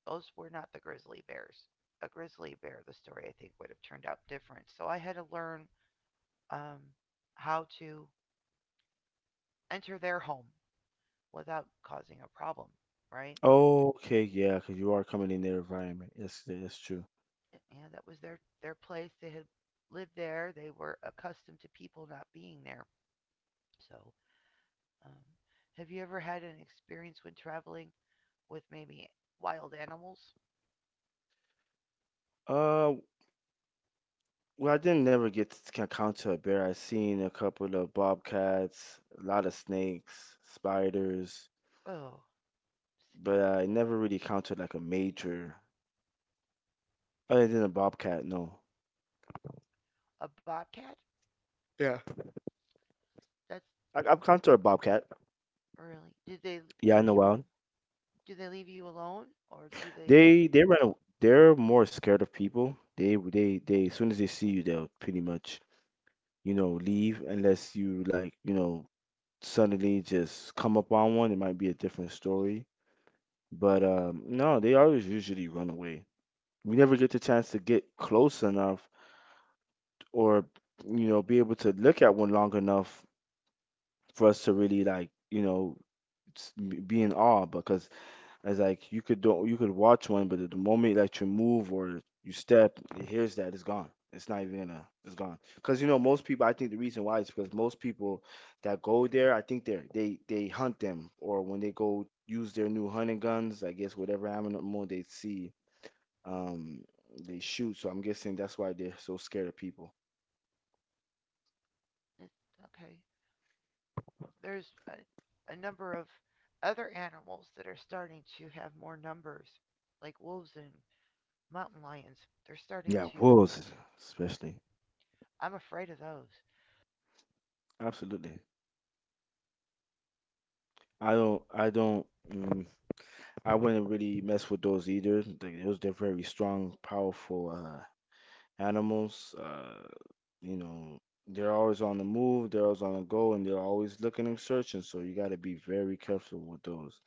Speaker 1: Those were not the grizzly bears. A grizzly bear, the story I think would have turned out different. So I had to learn um, how to enter their home without causing a problem, right?
Speaker 2: Okay, yeah, because you are coming in their environment. Yes, that's true.
Speaker 1: Yeah, that was their place. They had lived there. They were accustomed to people not being there. So, um, have you ever had an experience when traveling with maybe wild animals?
Speaker 2: Uh, well, I didn't never get to encounter a bear. I seen a couple of bobcats, a lot of snakes, spiders,
Speaker 1: Oh,
Speaker 2: but
Speaker 1: snakes.
Speaker 2: I never really encountered like a major, other than a bobcat. No,
Speaker 1: A bobcat?
Speaker 2: yeah.
Speaker 1: That's
Speaker 2: I've encountered a bobcat.
Speaker 1: really. Did they
Speaker 2: Yeah, I
Speaker 1: leave you?
Speaker 2: know.
Speaker 1: Do they leave you alone, or do they?
Speaker 2: They they run a- they're more scared of people. They as soon as they see you, they'll pretty much, you know, leave unless you, like, you know, suddenly just come up on one. It might be a different story. But um, no, they always usually run away. We never get the chance to get close enough or, you know, be able to look at one long enough for us to really, like, you know, be in awe, because it's like you could do, you could watch one, but the moment that you move or you step, it hears that it's gone. It's not even gonna. It's gone. Because you know most people. I think the reason why is because most people that go there, I think they are they hunt them or when they go use their new hunting guns. I guess whatever animal they see, um, they shoot. So I'm guessing that's why they're so scared of people.
Speaker 1: Eh, okay. There's a number of other animals that are starting to have more numbers, like wolves and mountain lions. They're starting
Speaker 2: Yeah,
Speaker 1: to
Speaker 2: wolves especially.
Speaker 1: I'm afraid of those.
Speaker 2: Absolutely. I don't. I don't. mm, I wouldn't really mess with those either. Those they're very strong, powerful animals. You know, they're always on the move, they're always on the go, and they're always looking and searching. So you got to be very careful with those.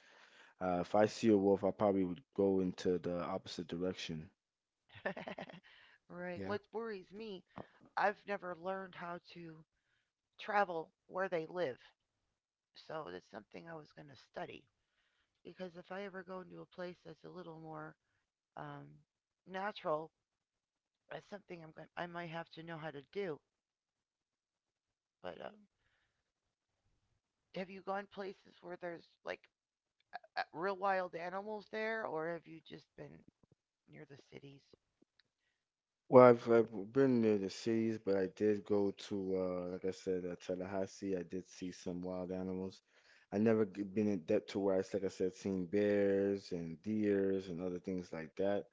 Speaker 2: If I see a wolf, I probably would go into the opposite direction.
Speaker 1: Right.
Speaker 2: Yeah.
Speaker 1: What worries me, I've never learned how to travel where they live. So that's something I was going to study. Because if I ever go into a place that's a little more um, natural, that's something I'm going I might have to know how to do. But have you gone places where there's like real wild animals there, or have you just been near the cities?
Speaker 2: Well, I've been near the cities, but I did go to like I said, Tallahassee. I did see some wild animals. I never been in depth to where like I said, seen bears and deers and other things like that.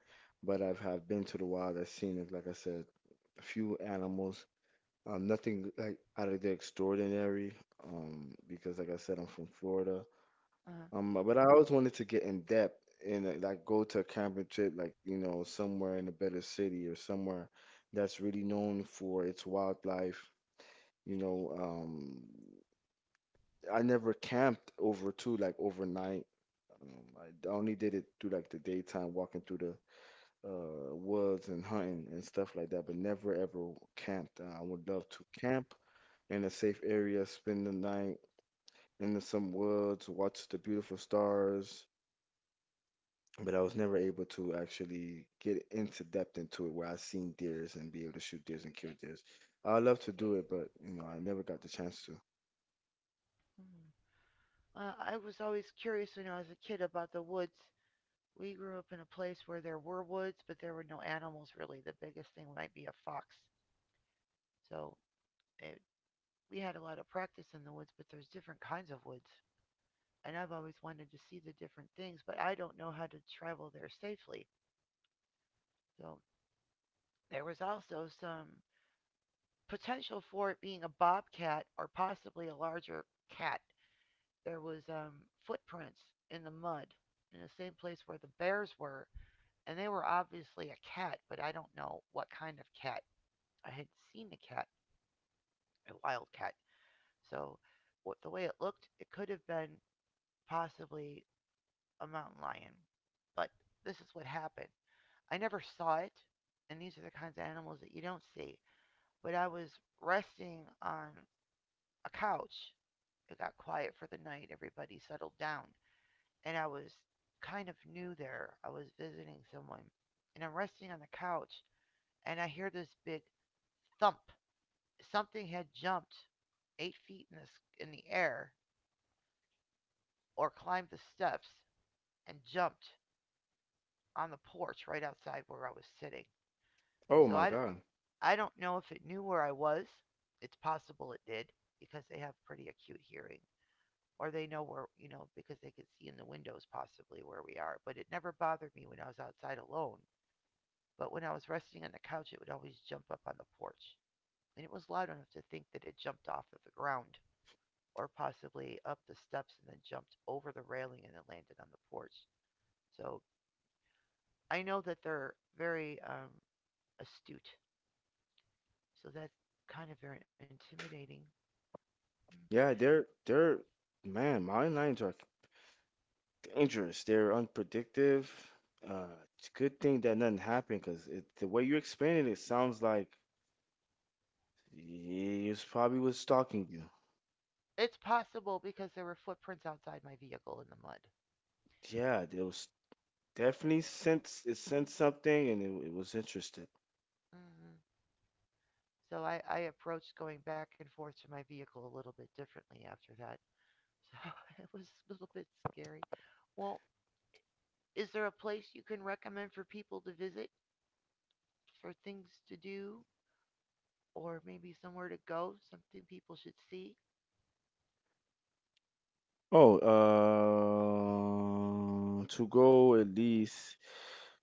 Speaker 2: But I've have been to the wild. I've seen, it, like I said, a few animals. Nothing like out of the extraordinary. Because like I said, I'm from Florida.
Speaker 1: Uh,
Speaker 2: But I always wanted to get in depth and like go to a camping trip, like you know, somewhere in a better city or somewhere that's really known for its wildlife. You know, I never camped over too, like overnight. I only did it through like the daytime, walking through the woods and hunting and stuff like that, but never ever camped. I would love to camp in a safe area, spend the night in some woods, watch the beautiful stars but I was never able to actually get into depth into it where I seen deers and be able to shoot deers and kill deers. I love to do it, but you know, I never got the chance to.
Speaker 1: hmm. I was always curious when I was a kid about the woods. We grew up in a place where there were woods, but there were no animals really. The biggest thing might be a fox. So it, we had a lot of practice in the woods, but there's different kinds of woods. And I've always wanted to see the different things, but I don't know how to travel there safely. So there was also some potential for it being a bobcat or possibly a larger cat. There was footprints in the mud in the same place where the bears were, and they were obviously a cat, but I don't know what kind of cat. I had seen a cat, a wild cat. So what, the way it looked, it could have been possibly a mountain lion. But this is what happened. I never saw it, and these are the kinds of animals that you don't see. But I was resting on a couch. It got quiet for the night. Everybody settled down. And I was kind of new there. I was visiting someone. And I'm resting on the couch, and I hear this big thump. Something had jumped 8 feet in the air or climbed the steps and jumped on the porch right outside where I was sitting.
Speaker 2: Oh
Speaker 1: So
Speaker 2: my God.
Speaker 1: I don't know if it knew where I was. It's possible it did because they have pretty acute hearing or they know where, you know, because they could see in the windows possibly where we are. But it never bothered me when I was outside alone. But when I was resting on the couch, it would always jump up on the porch. And it was loud enough to think that it jumped off of the ground or possibly up the steps and then jumped over the railing and then landed on the porch. So I know that they're very astute. So that's kind of very intimidating. Mm-hmm.
Speaker 2: Yeah, they're man, mountain lions are dangerous. They're unpredictable. Uh, it's a good thing that nothing happened because it, the way you explain it, it sounds like he was probably was stalking you.
Speaker 1: It's possible because there were footprints outside my vehicle in the mud.
Speaker 2: Yeah, there was definitely sense it sensed something and it was interested.
Speaker 1: Hmm. So I approached going back and forth to my vehicle a little bit differently after that. So it was a little bit scary. Well, is there a place you can recommend for people to visit for things to do or maybe somewhere to go, something people should see.
Speaker 2: Oh, to go at least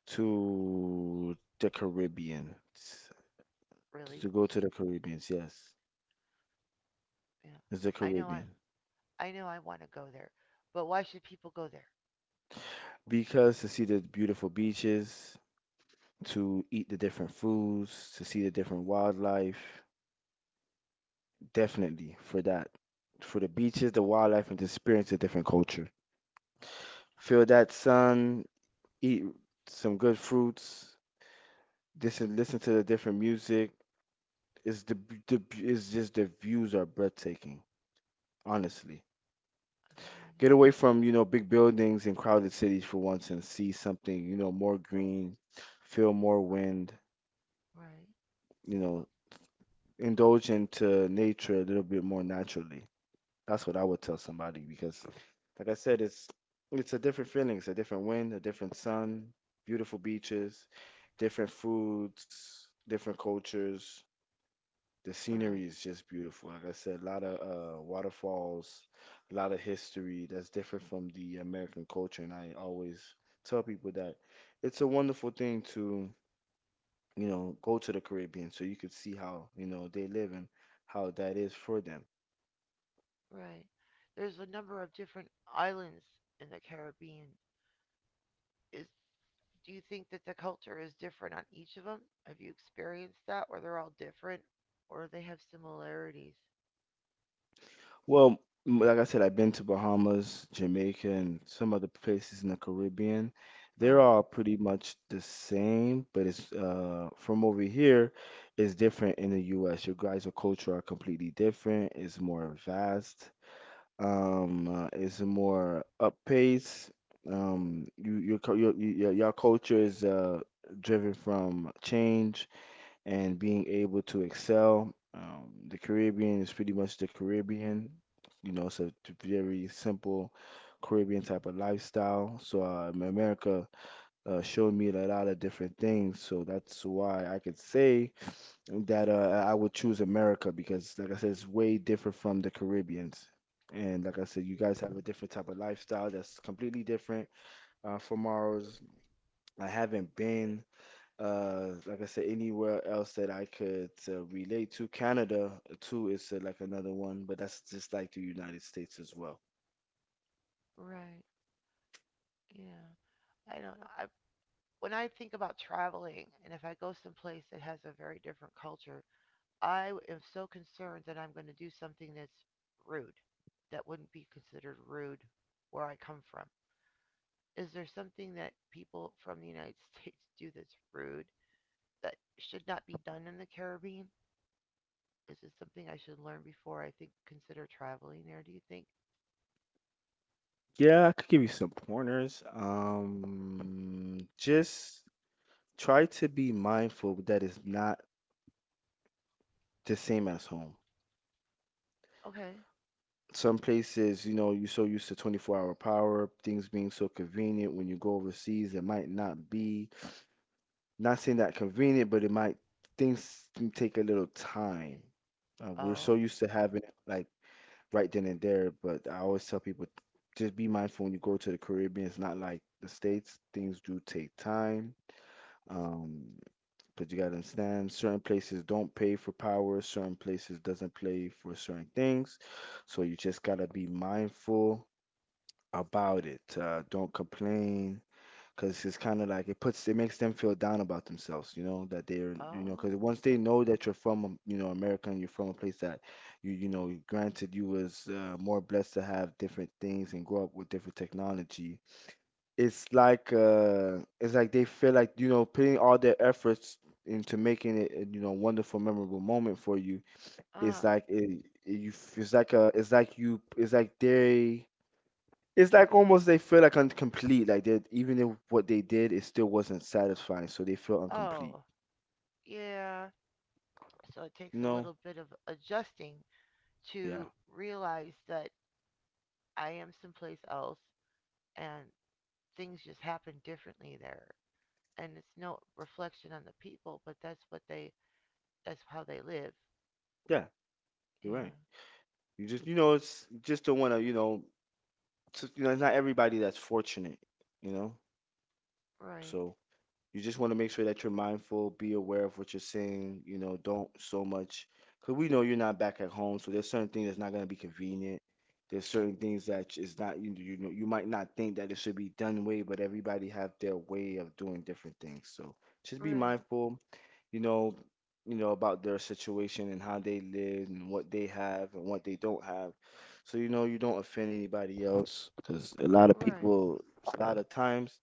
Speaker 2: to the Caribbean, to
Speaker 1: Really,
Speaker 2: go to the Caribbean, yes,
Speaker 1: yeah.
Speaker 2: it's the
Speaker 1: I
Speaker 2: Caribbean.
Speaker 1: I know I want to go there, but why should people go there?
Speaker 2: Because to see the beautiful beaches, to eat the different foods, to see the different wildlife, definitely for that. For the beaches, the wildlife, and to experience a different culture. Feel that sun, eat some good fruits, listen to the different music is the is just the views are breathtaking. Honestly,
Speaker 1: I believe
Speaker 2: get
Speaker 1: it.
Speaker 2: away from you know big buildings and crowded cities for once and see something you know more green, feel more wind.
Speaker 1: Right,
Speaker 2: You know, indulge into nature a little bit more naturally. That's what I would tell somebody because, like I said, it's a different feeling. It's a different wind, a different sun, beautiful beaches, different foods, different cultures. The scenery
Speaker 1: right,
Speaker 2: is just beautiful. Like I said, a lot of waterfalls, a lot of history that's different from the American culture. And I always tell people that it's a wonderful thing to, you know, go to the Caribbean so you could see how, you know, they live and how that is for them.
Speaker 1: right. There's a number of different islands in the Caribbean. Is do you think that the culture is different on each of them? Have you experienced that or they're all different or they have similarities?
Speaker 2: Well, like I said, I've been to Bahamas, Jamaica, and some other places in the Caribbean.
Speaker 1: Uh-huh.
Speaker 2: They're all pretty much the same, but it's from over here is different in the US. Your guys' culture are completely different. It's more vast. It's more up pace. Your your, your y'all culture is driven from change and being able to excel. The Caribbean is pretty much the Caribbean, you know, so it's a very simple Caribbean type of lifestyle. So America showed me a lot of different things. So that's why I could say that I would choose America because, like I said, it's way different from the Caribbeans. And like I said, you guys have a different type of lifestyle that's completely different from ours. I haven't been like I said, anywhere else that I could relate to. Canada too is like another one, but that's just like the United States as well.
Speaker 1: Right. Yeah. I don't know. I, When I think about traveling and if I go someplace that has a very different culture, I am so concerned that I'm going to do something that's rude, that wouldn't be considered rude where I come from. Is there something that people from the United States do that's rude that should not be done in the Caribbean? Is this something I should learn before I think consider traveling there? Do you think?
Speaker 2: Yeah, I could give you some pointers. Just try to be mindful that it's not the same as home.
Speaker 1: Okay.
Speaker 2: Some places, you know, you're so used to 24 hour power, things being so convenient. When you go overseas, it might not be, not saying that convenient, but it might, things can take a little time. We're so
Speaker 1: Oh.
Speaker 2: used to having like right then and there. But I always tell people just be mindful when you go to the Caribbean. It's not like the States. Things do take time. Um, but you gotta understand certain places don't pay for power, certain places doesn't pay for certain things. So you just gotta be mindful about it. Don't complain because it's kind of like it puts it makes them feel down about themselves you know that they're you know because
Speaker 1: Oh.
Speaker 2: once they know that you're from you know America and you're from a place that you know granted you was more blessed to have different things and grow up with different technology it's like they feel like you know putting all their efforts into making it a, you know wonderful memorable moment for you
Speaker 1: Uh.
Speaker 2: it's like it, it's like a it's like you it's like they it's like almost they feel like incomplete. Like that, even if what they did, it still wasn't satisfying, so they feel incomplete.
Speaker 1: Oh. Yeah. So it
Speaker 2: You
Speaker 1: takes a
Speaker 2: know?
Speaker 1: little bit of adjusting
Speaker 2: Yeah.
Speaker 1: to realize that I am someplace else and things just happen differently there. And it's no reflection on the people, but that's how they live.
Speaker 2: Yeah. You're
Speaker 1: Yeah.
Speaker 2: right. You just, you know, it's you just don't want to, you know, you know, it's not everybody that's fortunate. You know,
Speaker 1: Right.
Speaker 2: so. You just want to make sure that you're mindful, be aware of what you're saying, you know, don't so much because we know you're not back at home, so there's certain things that's not going to be convenient. There's certain things that is not you, you know you might not think that it should be done way, but everybody have their way of doing different things. So just be
Speaker 1: Right.
Speaker 2: mindful, you know, you know about their situation and how they live and what they have and what they don't have, so you know you don't offend anybody else because a lot of
Speaker 1: Right.
Speaker 2: people, a lot of times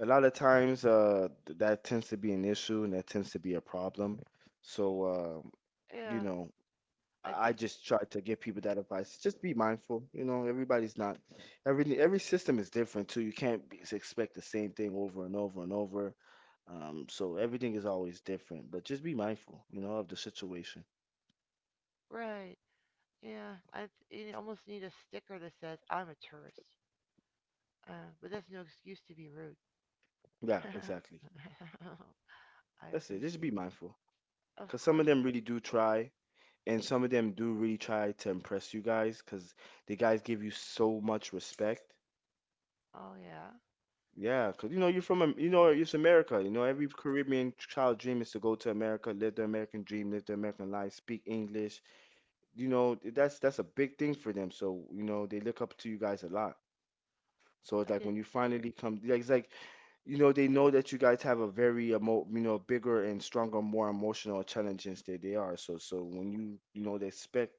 Speaker 2: a lot of times that tends to be an issue and that tends to be a problem. So you
Speaker 1: Yeah.
Speaker 2: know,
Speaker 1: I
Speaker 2: I
Speaker 1: think
Speaker 2: just try to give people that advice. Just be mindful, you know, everybody's not every system is different too. You can't be, expect the same thing over and over and over. So everything is always different, but just be mindful, you know, of the situation.
Speaker 1: right. Yeah. You almost need a sticker that says I'm a tourist. But that's no excuse to be rude.
Speaker 2: Yeah,
Speaker 1: I
Speaker 2: exactly. That's it. Just
Speaker 1: appreciate.
Speaker 2: be
Speaker 1: It.
Speaker 2: mindful.
Speaker 1: Of
Speaker 2: Because some of
Speaker 1: course.
Speaker 2: them really do try, and some of them do really try to impress you guys because the guys give you so much respect.
Speaker 1: Oh yeah.
Speaker 2: Yeah, 'cause you know you're from you know it's America. You know every Caribbean child dream is to go to America, live the American dream, live the American life, speak English. You know that's a big thing for them. So you know they look up to you guys a lot. So it's
Speaker 1: I
Speaker 2: like
Speaker 1: did.
Speaker 2: when you finally come, like it's like you know they know that you guys have a very you know bigger and stronger more emotional challenges than they are so when you know they expect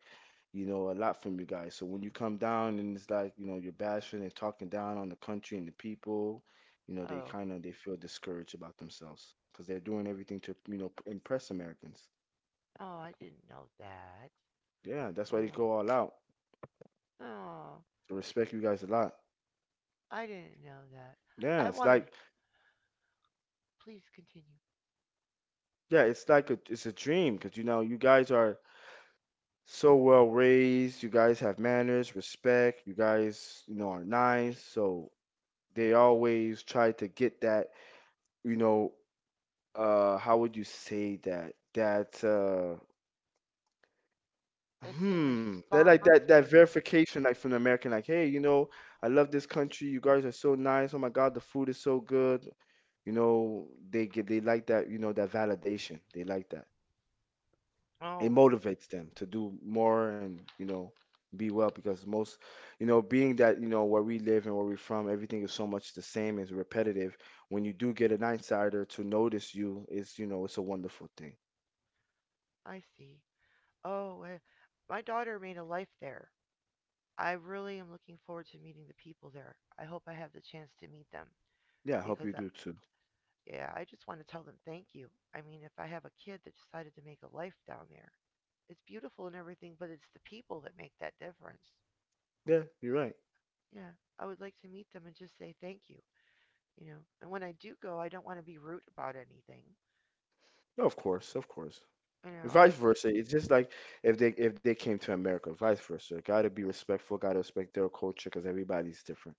Speaker 2: you know a lot from you guys so when you come down and it's like you know you're bashing and talking down on the country and the people you know
Speaker 1: Not
Speaker 2: they
Speaker 1: oh.
Speaker 2: kind of they feel discouraged about themselves because they're doing everything to you know impress americans
Speaker 1: Oh, I didn't know that.
Speaker 2: yeah that's why they
Speaker 1: Uh,
Speaker 2: go all out.
Speaker 1: oh,
Speaker 2: I respect you guys a lot.
Speaker 1: I didn't know that.
Speaker 2: Yeah
Speaker 1: I
Speaker 2: it's
Speaker 1: wanted
Speaker 2: like
Speaker 1: Please continue.
Speaker 2: yeah it's like a, it's a dream because you know you guys are so well raised. You guys have manners, respect. You guys, you know, are nice. So they always try to get that, you know, how would you say that? That
Speaker 1: The same
Speaker 2: hmm, that like
Speaker 1: response,
Speaker 2: that
Speaker 1: maybe.
Speaker 2: verification like from the American, like, hey, you know, I love this country. You guys are so nice. Oh my God, the food is so good. You know, they like that. You know, that validation. They like that. It
Speaker 1: Oh,
Speaker 2: motivates them to do more and you know be well because most you know being that you know where we live and where we're from everything is so much the same is repetitive when you do get an insider to notice you is you know it's a wonderful thing.
Speaker 1: I see. Oh, eh, my daughter made a life there. I really am looking forward to meeting the people there. I hope I have the chance to meet them
Speaker 2: Yeah, I hope
Speaker 1: because,
Speaker 2: you do too.
Speaker 1: yeah, I just want to tell them thank you. I mean, if I have a kid that decided to make a life down there, it's beautiful and everything, but it's the people that make that difference.
Speaker 2: Yeah you're right.
Speaker 1: Yeah, I would like to meet them and just say thank you, you know. And when I do go, I don't want to be rude about anything.
Speaker 2: Of course, of course.
Speaker 1: You
Speaker 2: And
Speaker 1: know,
Speaker 2: vice
Speaker 1: I
Speaker 2: versa it's just like if they came to america vice versa gotta be respectful gotta respect their culture because everybody's different.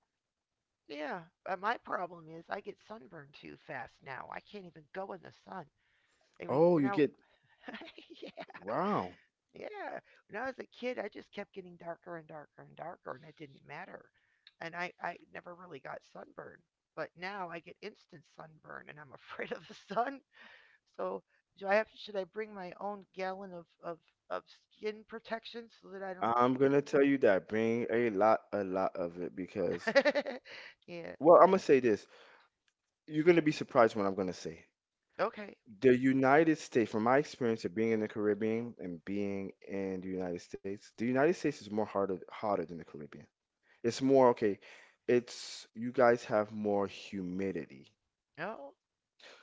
Speaker 1: Yeah, but my problem is I get sunburned too fast now. I can't even go in the sun. I mean,
Speaker 2: Oh
Speaker 1: when
Speaker 2: you
Speaker 1: I
Speaker 2: get
Speaker 1: yeah,
Speaker 2: wow.
Speaker 1: yeah, when I was a kid, I just kept getting darker and darker and darker, and it didn't matter. And I never really got sunburned. But now I get instant sunburn, and I'm afraid of the sun. So do I have to, should I bring my own gallon of skin protection so that I
Speaker 2: I'm gonna tell you that bring a lot of it because.
Speaker 1: don't? Yeah.
Speaker 2: Well, I'm gonna say this. You're gonna be surprised what I'm gonna say.
Speaker 1: Okay.
Speaker 2: The United States, from my experience of being in the Caribbean and being in the United States is more harder hotter than the Caribbean. It's more okay. It's you guys have more humidity
Speaker 1: No.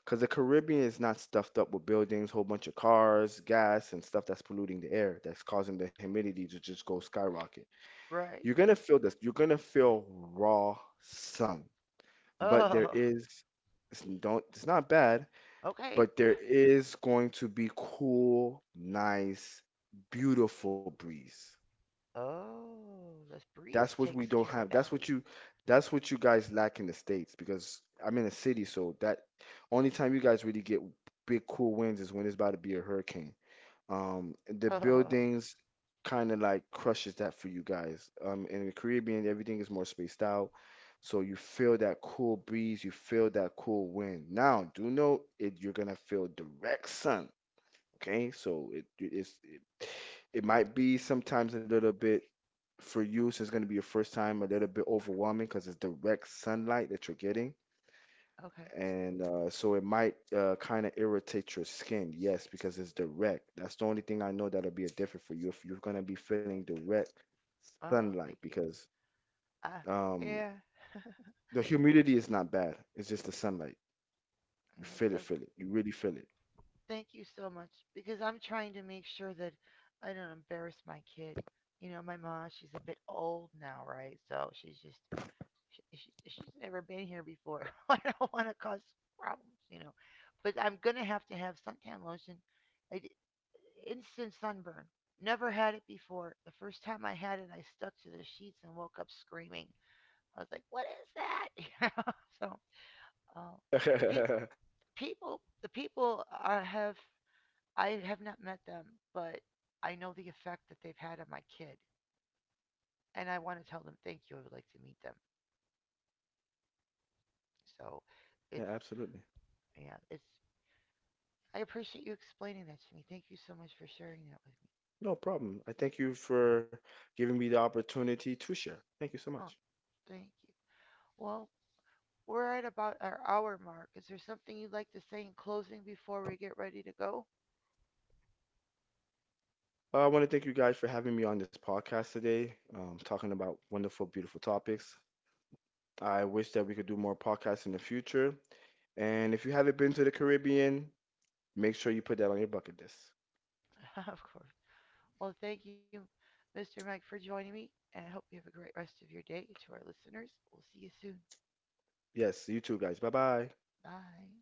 Speaker 2: because the Caribbean is not stuffed up with buildings, whole bunch of cars, gas, and stuff that's polluting the air that's causing the humidity to just go skyrocket.
Speaker 1: Right.
Speaker 2: You're gonna feel this. You're gonna feel raw sun, but there
Speaker 1: Oh.
Speaker 2: is it's, don't it's not bad
Speaker 1: Okay.
Speaker 2: but there is going to be cool, nice, beautiful breeze.
Speaker 1: Oh, the
Speaker 2: That's
Speaker 1: breeze
Speaker 2: what we
Speaker 1: takes
Speaker 2: don't
Speaker 1: care of
Speaker 2: have.
Speaker 1: that heat.
Speaker 2: That's what you guys lack in the States because I'm in a city, so that only time you guys really get big cool winds is when it's about to be a hurricane. The buildings kind of like crushes that for you guys. In the Caribbean, everything is more spaced out. So you feel that cool breeze, you feel that cool wind. Now, do note, it, you're gonna feel direct sun. Okay, so it might be sometimes a little bit for you, since it's going to be your first time, a little bit overwhelming because it's direct sunlight that you're getting,
Speaker 1: Oh, okay.
Speaker 2: and so it might kind of irritate your skin. Yes, because it's direct. That's the only thing I know that'll be a different for you if you're going to be feeling direct
Speaker 1: Oh,
Speaker 2: sunlight
Speaker 1: thank you.
Speaker 2: because
Speaker 1: Uh,
Speaker 2: um,
Speaker 1: yeah.
Speaker 2: the humidity is not bad. It's just the sunlight. You
Speaker 1: Yeah, so
Speaker 2: feel it. You really feel it.
Speaker 1: thank you so much because I'm trying to make sure that I don't embarrass my kid. You know, my mom, she's a bit old now, right? So she's never been here before. I don't want to cause problems, you know. But I'm gonna have to have suntan lotion. I, d- instant sunburn. Never had it before. The first time I had it, I stuck to the sheets and woke up screaming. I was like, "What is that?" Know? So uh, the pe- people, the people have I have not met them, but I know the effect that they've had on my kid, and I want to tell them thank you. I would like to meet them. So it's
Speaker 2: Yeah, absolutely.
Speaker 1: yeah, it's I appreciate you explaining that to me. Thank you so much for sharing that with me.
Speaker 2: No problem. I thank you for giving me the opportunity to share. Thank you so
Speaker 1: Oh,
Speaker 2: much.
Speaker 1: thank you. Well, we're at about our hour mark. Is there something you'd like to say in closing before we get ready to go?
Speaker 2: I want to thank you guys for having me on this podcast today, talking about wonderful, beautiful topics. I wish that we could do more podcasts in the future. And if you haven't been to the Caribbean, make sure you put that on your bucket list.
Speaker 1: Of course. Well, thank you, Mr. Mike, for joining me, and I hope you have a great rest of your day. To our listeners, we'll see you soon.
Speaker 2: Yes, you too, guys. Bye bye.
Speaker 1: Bye.